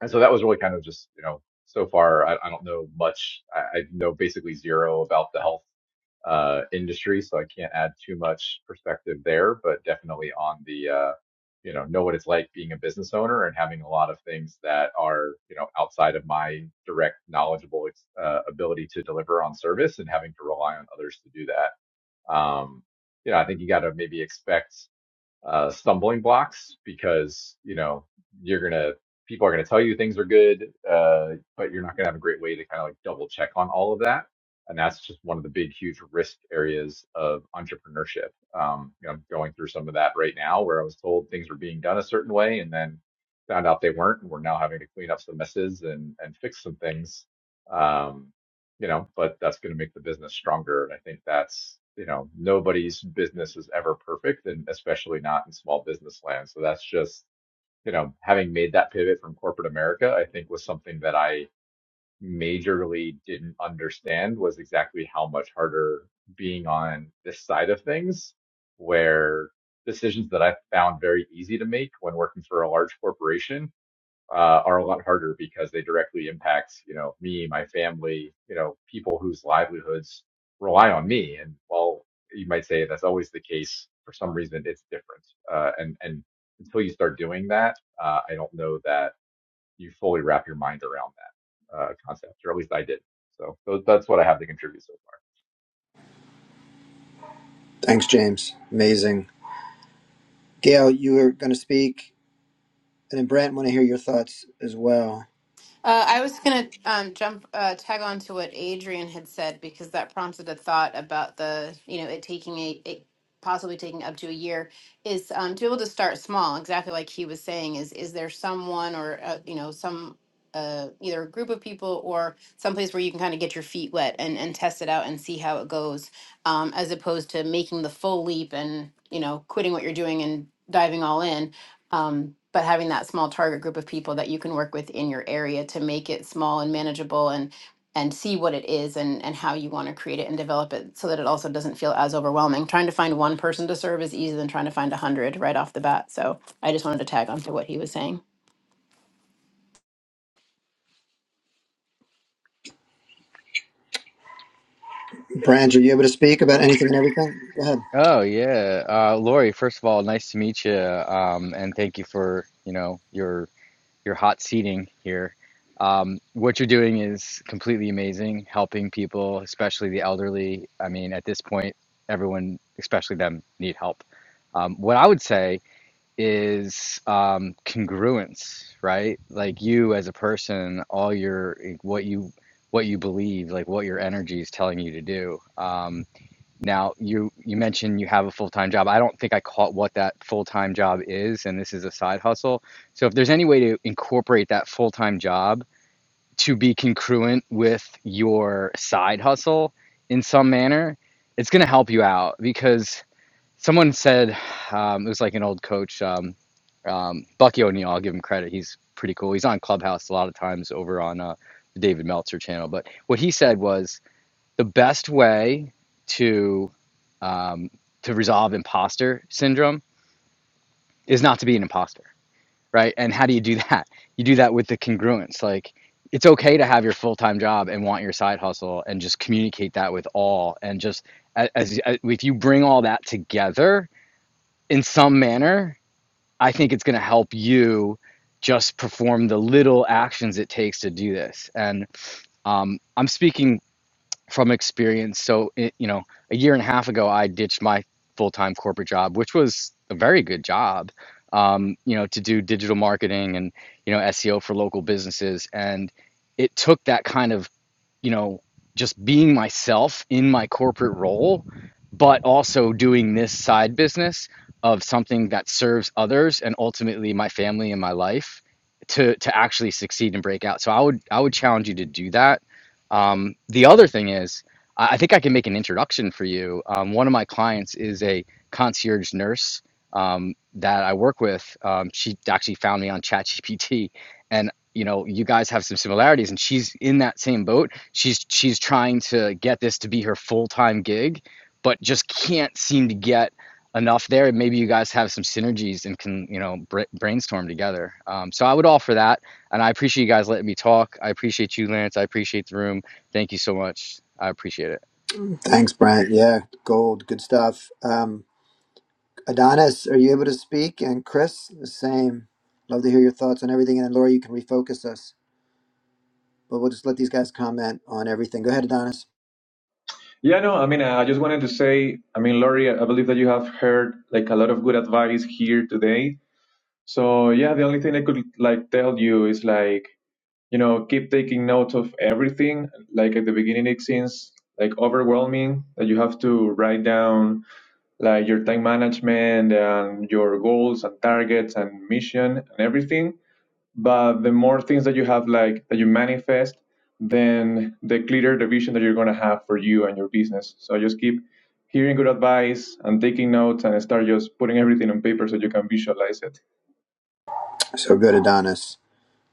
and so that was really kind of just, you know, so far, I, I don't know much. I, I know basically zero about the health uh, industry, so I can't add too much perspective there, but definitely on the, uh, you know, know what it's like being a business owner and having a lot of things that are, you know, outside of my direct knowledgeable uh, ability to deliver on service and having to rely on others to do that. Um, you know, I think you got to maybe expect uh, stumbling blocks because you know you're gonna people are gonna tell you things are good, uh, but you're not gonna have a great way to kind of like double check on all of that, and that's just one of the big huge risk areas of entrepreneurship. Um, you know, I'm going through some of that right now where I was told things were being done a certain way and then found out they weren't, and we're now having to clean up some messes and and fix some things. Um, you know, but that's going to make the business stronger. And I think that's, you know, nobody's business is ever perfect, and especially not in small business land. So that's just, you know, having made that pivot from corporate America, I think was something that I majorly didn't understand was exactly how much harder being on this side of things, where decisions that I found very easy to make when working for a large corporation uh, are a lot harder because they directly impact, you know, me, my family, you know, people whose livelihoods rely on me. And while you might say that's always the case, for some reason it's different. Uh, and and until you start doing that, uh, I don't know that you fully wrap your mind around that uh, concept, or at least I did. So, so that's what I have to contribute so far.
Thanks, James. Amazing. Gail, you were going to speak, and then Brant, want to hear your thoughts as well.
Uh, I was gonna um, jump uh, tag on to what Adrian had said because that prompted a thought about the you know it taking a it possibly taking up to a year is um, to be able to start small exactly like he was saying is is there someone or uh, you know some uh, either a group of people or someplace where you can kind of get your feet wet and and test it out and see how it goes um, as opposed to making the full leap and you know quitting what you're doing and diving all in um, but having that small target group of people that you can work with in your area to make it small and manageable and and see what it is and and how you want to create it and develop it so that it also doesn't feel as overwhelming trying to find one person to serve is easier than trying to find a hundred right off the bat so i just wanted to tag on to what he was saying
Brant, are you able to speak about anything and everything? Go ahead.
Oh yeah, uh, Lori. First of all, nice to meet you, um, and thank you for you know your your hot seating here. Um, what you're doing is completely amazing, helping people, especially the elderly. I mean, at this point, everyone, especially them, need help. Um, what I would say is um, congruence, right? Like you as a person, all your like, what you what you believe, like what your energy is telling you to do. Um, now, you you mentioned you have a full-time job. I don't think I caught what that full-time job is, and this is a side hustle. So if there's any way to incorporate that full-time job to be congruent with your side hustle in some manner, it's going to help you out because someone said um, it was like an old coach, um, um, Bucky O'Neill. I'll give him credit. He's pretty cool. He's on Clubhouse a lot of times over on uh, the David Meltzer channel. But what he said was the best way to um, to resolve imposter syndrome is not to be an imposter, right? And how do you do that? You do that with the congruence. Like it's okay to have your full time job and want your side hustle, and just communicate that with all. And just as, as if you bring all that together in some manner, I think it's going to help you just perform the little actions it takes to do this. And um, I'm speaking from experience. So, it, you know, a year and a half ago, I ditched my full time corporate job, which was a very good job, um, you know, to do digital marketing and, you know, SEO for local businesses. And it took that kind of you know, just being myself in my corporate role, but also doing this side business of something that serves others and ultimately my family and my life to to actually succeed and break out. So I would I would challenge you to do that. Um, the other thing is, I I think I can make an introduction for you. Um, one of my clients is a concierge nurse um, that I work with. Um, she actually found me on ChatGPT, and you know, you guys have some similarities, and she's in that same boat she's she's trying to get this to be her full-time gig but just can't seem to get enough there and maybe you guys have some synergies and can you know bra- brainstorm together um, so i would offer that and i appreciate you guys letting me talk i appreciate you lance i appreciate the room thank you so much i appreciate it
Thanks, Brant. Yeah, gold, good stuff. Um, Adonis, are you able to speak? And Chris, the same. Love to hear your thoughts on everything. And then Laura, you can refocus us. but we'll just let these guys comment on everything. Go ahead, Adonis.
Yeah, no, I mean, uh, I just wanted to say, I mean, Laurie, I believe that you have heard like a lot of good advice here today. So yeah, the only thing I could like tell you is like, you know, keep taking notes of everything. Like at the beginning, it seems like overwhelming that you have to write down like your time management and your goals and targets and mission and everything But the more things that you have, like that you manifest, then the clearer the vision that you're going to have for you and your business. So just keep hearing good advice and taking notes and start just putting everything on paper so you can visualize it.
So good, Adonis.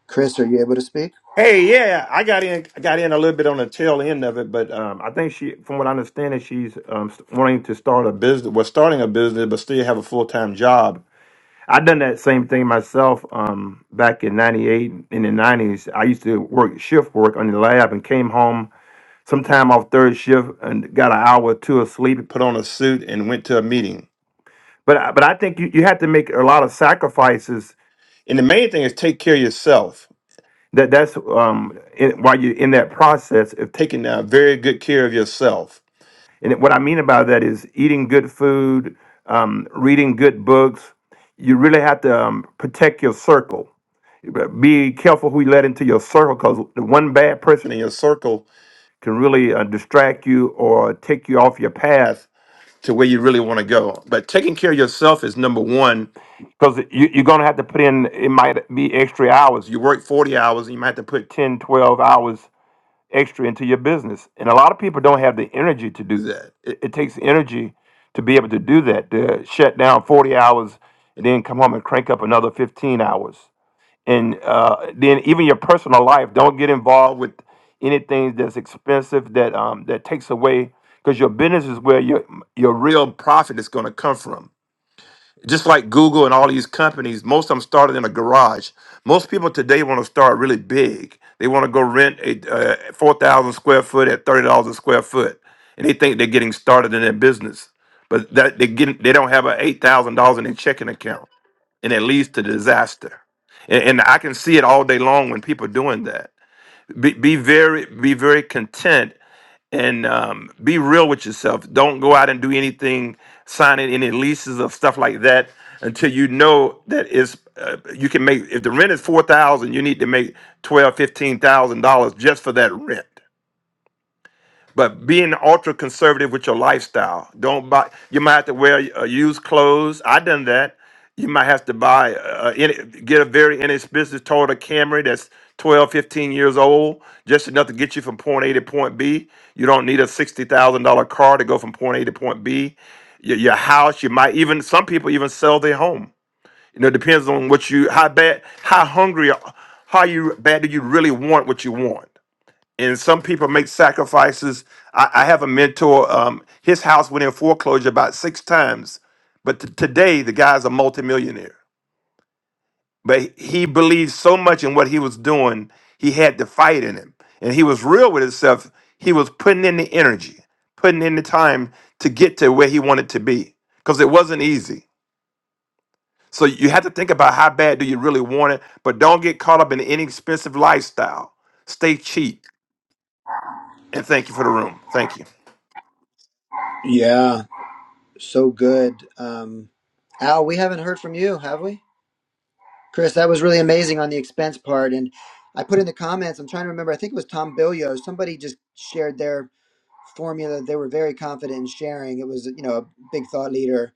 Chris, are you able to speak?
Hey, yeah, I got in. I got in a little bit on the tail end of it, but um, I think she, from what I understand, is she's um, st- wanting to start a business. Was starting a business, but still have a full time job. I done that same thing myself um, back in '98 in the '90s. I used to work shift work on the lab and came home sometime off third shift and got an hour or two of sleep, put on a suit, and went to a meeting. But I- but I think you, you have to make a lot of sacrifices, and the main thing is take care of yourself that that's um in, while you're in that process of taking uh, very good care of yourself. And what I mean by that is eating good food, um, reading good books. You really have to um, protect your circle. Be careful who you let into your circle because the one bad person in your circle can really uh, distract you or take you off your path to where you really want to go. But taking care of yourself is number one because you, you're going to have to put in, it might be extra hours. You work 40 hours and you might have to put 10, 12 hours extra into your business. And a lot of people don't have the energy to do that. It, it takes energy to be able to do that, to shut down 40 hours and then come home and crank up another 15 hours and uh, then even your personal life. Don't get involved with anything that's expensive that um, that takes away because your business is where your your real profit is going to come from. Just like Google and all these companies, most of them started in a garage. Most people today want to start really big. They want to go rent a uh, four thousand square foot at thirty dollars a square foot, and they think they're getting started in their business. But that they get they don't have a eight thousand dollars in their checking account and it leads to disaster. And, and I can see it all day long when people are doing that. Be, be very, be very content and um, be real with yourself. Don't go out and do anything, signing any leases of stuff like that until you know that it's uh, you can make. If the rent is four thousand, you need to make twelve, fifteen thousand dollars just for that rent. But being ultra conservative with your lifestyle, don't buy. You might have to wear uh, used clothes. I done that. You might have to buy, uh, uh, any, get a very inexpensive Toyota Camry that's 12, 15 years old, just enough to get you from point A to point B. You don't need a sixty thousand dollar car to go from point A to point B. Your, your house, you might even some people even sell their home. You know, it depends on what you how bad, how hungry, how you bad do you really want what you want and some people make sacrifices. I, I have a mentor. Um, his house went in foreclosure about six times, but t- today the guy's a multimillionaire. But he believed so much in what he was doing, he had the fight in him, and he was real with himself. He was putting in the energy, putting in the time to get to where he wanted to be, because it wasn't easy. So you have to think about how bad do you really want it, but don't get caught up in an inexpensive lifestyle. Stay cheap, and thank you for the room. Thank you.
Yeah, so good. Um, Al, we haven't heard from you, have we? Chris, that was really amazing on the expense part. And I put in the comments, I'm trying to remember, I think it was Tom Billio. Somebody just shared their formula they were very confident in sharing. It was, you know, a big thought leader.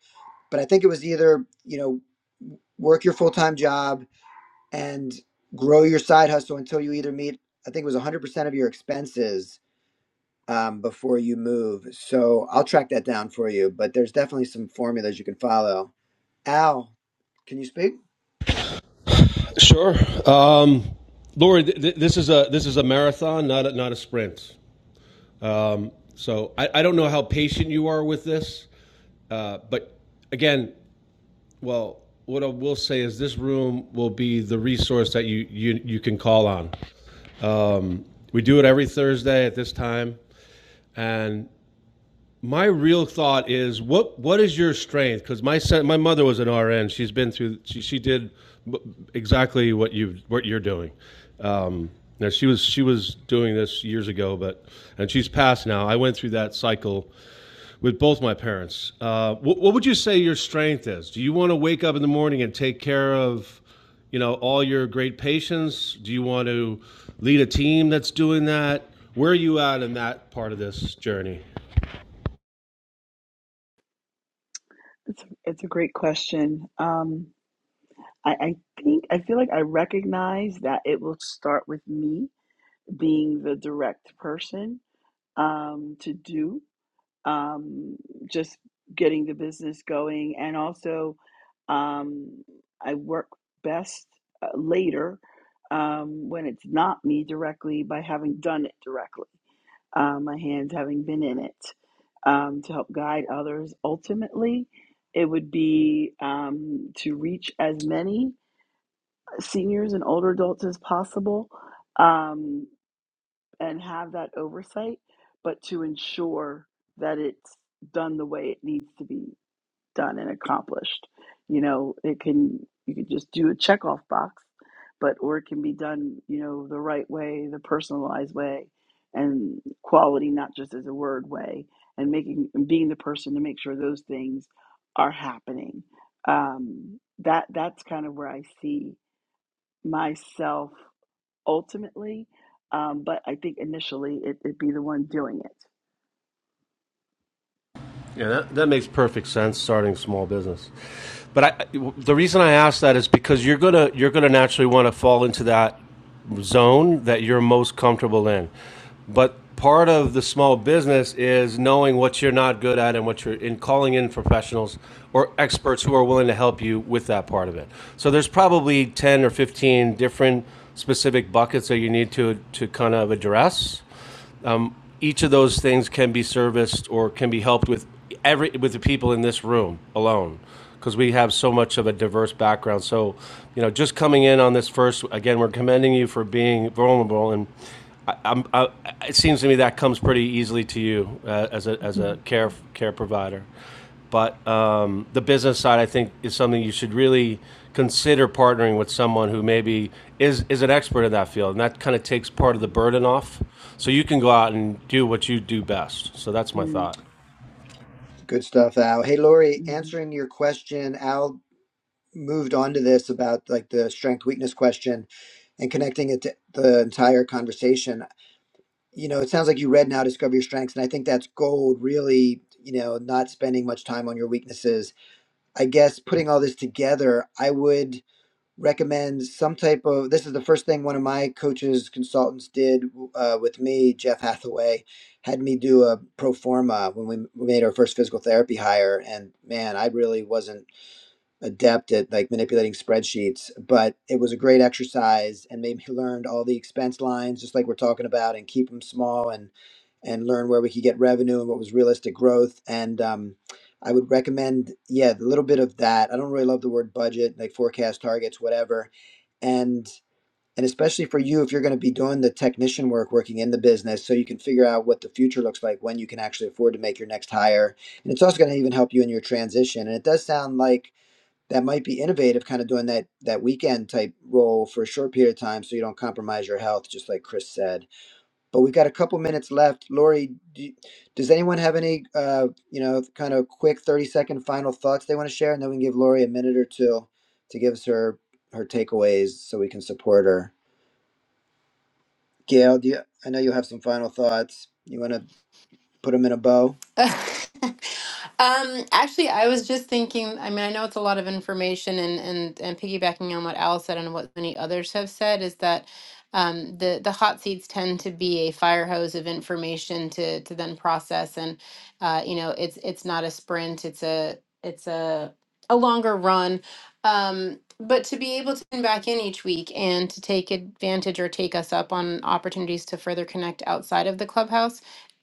But I think it was either, you know, work your full time job and grow your side hustle until you either meet, I think it was 100% of your expenses um, before you move. So I'll track that down for you, but there's definitely some formulas you can follow. Al, can you speak?
sure um Lori, th- th- this is a this is a marathon, not a, not a sprint. Um, so I, I don't know how patient you are with this, uh, but again, well, what I will say is this room will be the resource that you you, you can call on. Um, we do it every Thursday at this time, and my real thought is what what is your strength? Because my son, my mother was an RN. She's been through. She, she did exactly what you what you're doing. Um, now she was she was doing this years ago, but and she's passed now. I went through that cycle with both my parents. Uh, what, what would you say your strength is? Do you want to wake up in the morning and take care of, you know, all your great patients? Do you want to lead a team that's doing that? Where are you at in that part of this journey?
It's it's a great question. Um, I, I think I feel like I recognize that it will start with me being the direct person um, to do um, just getting the business going, and also um, I work best uh, later um, when it's not me directly by having done it directly, uh, my hands having been in it um, to help guide others. Ultimately, it would be um, to reach as many seniors and older adults as possible um, and have that oversight, but to ensure that it's done the way it needs to be done and accomplished. You know, it can, you can just do a checkoff box, but, or it can be done, you know, the right way, the personalized way, and quality, not just as a word way, and making, and being the person to make sure those things are happening. Um, that, that's kind of where I see myself ultimately, um, but I think initially it, it'd be the one doing it.
Yeah, that, that makes perfect sense. Starting a small business, but I, the reason I ask that is because you're gonna you're gonna naturally want to fall into that zone that you're most comfortable in. But part of the small business is knowing what you're not good at and what you're in calling in professionals or experts who are willing to help you with that part of it. So there's probably 10 or 15 different specific buckets that you need to to kind of address each of those things can be serviced or can be helped with every with the people in this room alone because we have so much of a diverse background so you know just coming in on this first again we're commending you for being vulnerable and I, I'm, I, it seems to me that comes pretty easily to you uh, as a as a
Mhm.
care care provider but um, the business side, I think, is something you should really consider partnering with someone who maybe is is an expert in that field, and that kind of takes part of the burden off. So you can go out and do what you do best. So that's my
Mhm.
thought.
Good stuff, Al. Hey, Lori,
Mhm.
answering your question, Al moved on to this about like the strength weakness question and connecting it to the entire conversation. You know, it sounds like you read now Discover Your Strengths, and I think that's gold, really, you know, not spending much time on your weaknesses I guess putting all this together, I would recommend some type of. This is the first thing one of my coaches, consultants did uh, with me, Jeff Hathaway, had me do a pro forma when we made our first physical therapy hire. And man, I really wasn't adept at like manipulating spreadsheets, but it was a great exercise and made me learn all the expense lines, just like we're talking about, and keep them small and and learn where we could get revenue and what was realistic growth. And um, I would recommend, yeah, a little bit of that. I don't really love the word budget, like forecast targets, whatever, and and especially for you if you're going to be doing the technician work working in the business so you can figure out what the future looks like when you can actually afford to make your next hire and it's also going to even help you in your transition and it does sound like that might be innovative, kind of doing that that weekend type role for a short period of time, so you don't compromise your health, just like Chris said. But we've got a couple minutes left. Lori, do, does anyone have any, uh, you know, kind of quick thirty second final thoughts they want to share, and then we can give Lori a minute or two to give us her her takeaways, so we can support her. Gail, do you, I know you have some final thoughts. You want to put them in a bow?
Um, actually, I was just thinking, I mean, I know it's a lot of information and and and piggybacking on what Al said and what many others have said is that um, the the hot seats tend to be a fire hose of information to to then process and uh, you know, it's it's not a sprint, it's a it's a a longer run. Um, but to be able to tune back in each week and to take advantage or take us up on opportunities to further connect outside of the clubhouse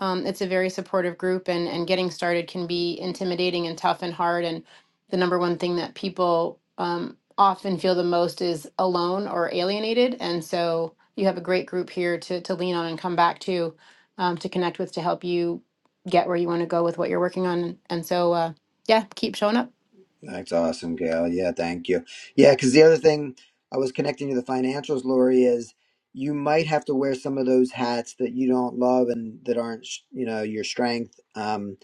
um, it's a very supportive group, and and getting started can be intimidating and tough and hard. And the number one thing that people um, often feel the most is alone or alienated. And so you have a great group here to to lean on and come back to, um, to connect with to help you get where you want to go with what you're working on. And so uh, yeah, keep showing up.
That's awesome, Gail. Yeah, thank you. Yeah, because the other thing I was connecting to the financials, Lori, is you might have to wear some of those hats that you don't love and that aren't, sh- you know, your strength um,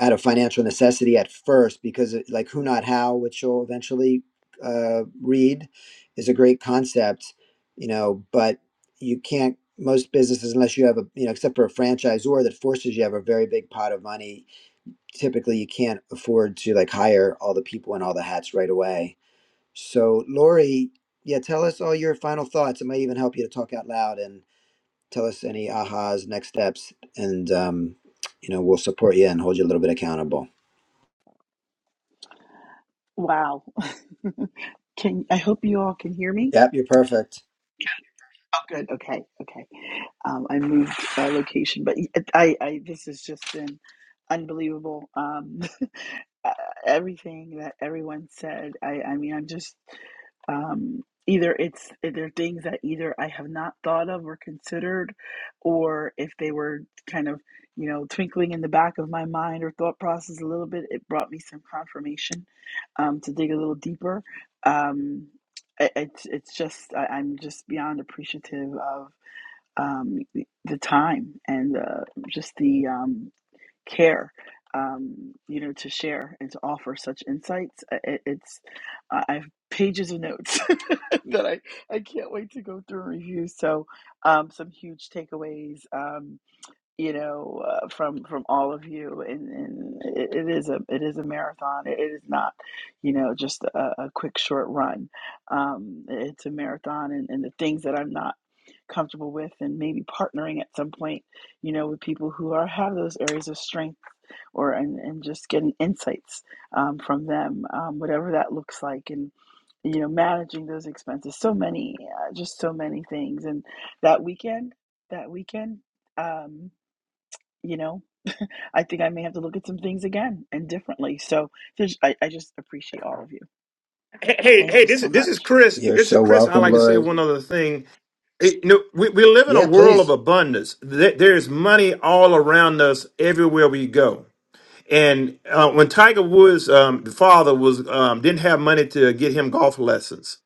out of financial necessity at first, because it- like who not how, which you'll eventually uh, read, is a great concept, you know, but you can't. Most businesses, unless you have a, you know, except for a franchisor that forces you to have a very big pot of money, typically you can't afford to like hire all the people and all the hats right away. So, Lori, yeah, tell us all your final thoughts. It might even help you to talk out loud and tell us any ahas, next steps, and um, you know we'll support you and hold you a little bit accountable.
Wow. Can I hope you all can hear me?
Yep, you're perfect.
Oh, good. Okay. Okay. Um, I moved uh, location, but I, I, this has just been unbelievable. Um, uh, everything that everyone said. I, I mean, I'm just um, either it's either things that either I have not thought of or considered, or if they were kind of you know twinkling in the back of my mind or thought process a little bit, it brought me some confirmation um, to dig a little deeper. Um, it, it's it's just I, I'm just beyond appreciative of um, the the time and uh, just the um, care um, you know to share and to offer such insights I- it's i I have pages of notes that I, I can't wait to go through and review so um, some huge takeaways um, you know uh, from from all of you and, and it, it is a it is a marathon it is not you know just a, a quick short run um, it's a marathon and, and the things that i'm not comfortable with and maybe partnering at some point you know with people who are have those areas of strength or and, and just getting insights um, from them, um, whatever that looks like, and you know managing those expenses. So many, uh, just so many things. And that weekend, that weekend, um, you know, I think I may have to look at some things again and differently. So there's, I, I just appreciate all of you.
Hey, hey,
Thank
hey,
you
this
so
is this is
much.
Chris.
You're
This is
so
Chris. I
welcome,
like to say
Lori.
one other thing. It- you know, we, we live in a
Yeah,
world of
please.
abundance. There, there is money all around us, everywhere we go. And uh, when Tiger Woods, um, the father was um, didn't have money to get him golf lessons,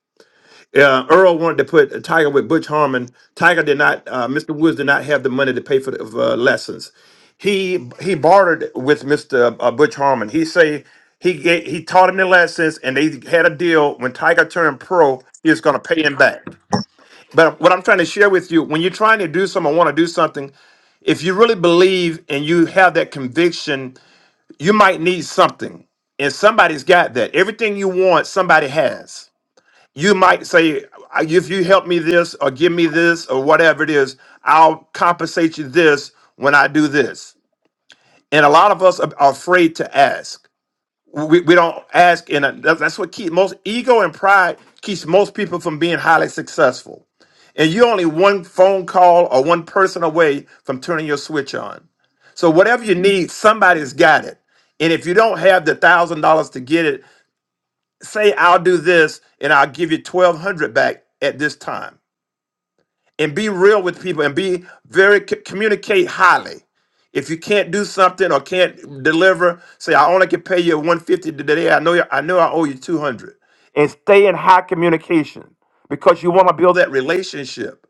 uh, Earl wanted to put uh, Tiger with Butch Harmon. Tiger did not. Uh, Mr. Woods did not have the money to pay for the uh, lessons. He he bartered with Mr. Uh, Butch Harmon. He say he ga- he taught him the lessons, and they had a deal. When Tiger turned pro, he was going to pay him back. But what I'm trying to share with you, when you're trying to do something, want to do something, if you really believe and you have that conviction, you might need something, and somebody's got that. Everything you want, somebody has you might say "I- if you help me this or give me this or whatever it is i'll compensate you this when i do this and a lot of us are are afraid to ask we, we don't ask and that- that's what keeps most ego and pride keeps most people from being highly successful and you're only one phone call or one person away from turning your switch on so whatever you need somebody's got it and if you don't have the thousand dollars to get it say I'll do this and I'll give you 1200 back at this time. And be real with people and be very c- communicate highly. If you can't do something or can't deliver, say I only can pay you 150 today. I know you, I know I owe you 200. And stay in high communication because you want to build that relationship.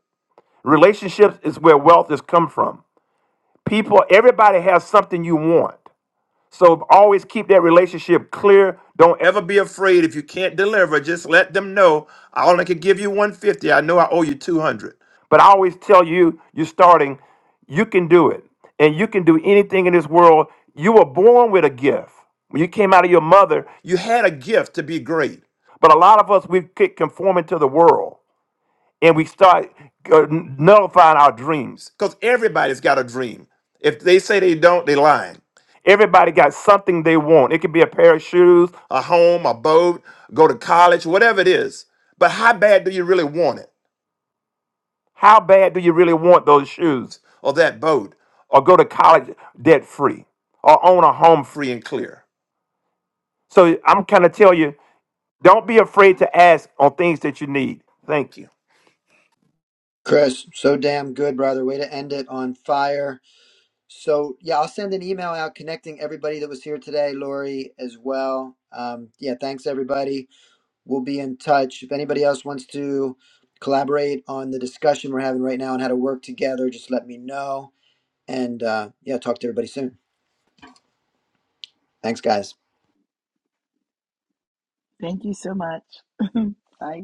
Relationships is where wealth is come from. People everybody has something you want. So always keep that relationship clear. Don't ever be afraid if you can't deliver. Just let them know I only can give you 150. I know I owe you 200. But I always tell you, you're starting, you can do it. And you can do anything in this world. You were born with a gift. When you came out of your mother, you had a gift to be great. But a lot of us, we've kept conforming to the world and we start uh, nullifying our dreams because everybody's got a dream. If they say they don't, they're lying. Everybody got something they want. It could be a pair of shoes, a home, a boat, go to college, whatever it is. But how bad do you really want it? How bad do you really want those shoes or that boat or go to college debt free or own a home free and clear? So I'm kind of tell you, don't be afraid to ask on things that you need. Thank you.
Chris, so damn good, brother. Way to end it on fire. So, yeah, I'll send an email out connecting everybody that was here today, Lori, as well. Um, yeah, thanks, everybody We'll be in touch. If anybody else wants to collaborate on the discussion we're having right now and how to work together, just let me know. And uh, yeah, talk to everybody soon. Thanks, guys.
Thank you so much. Bye.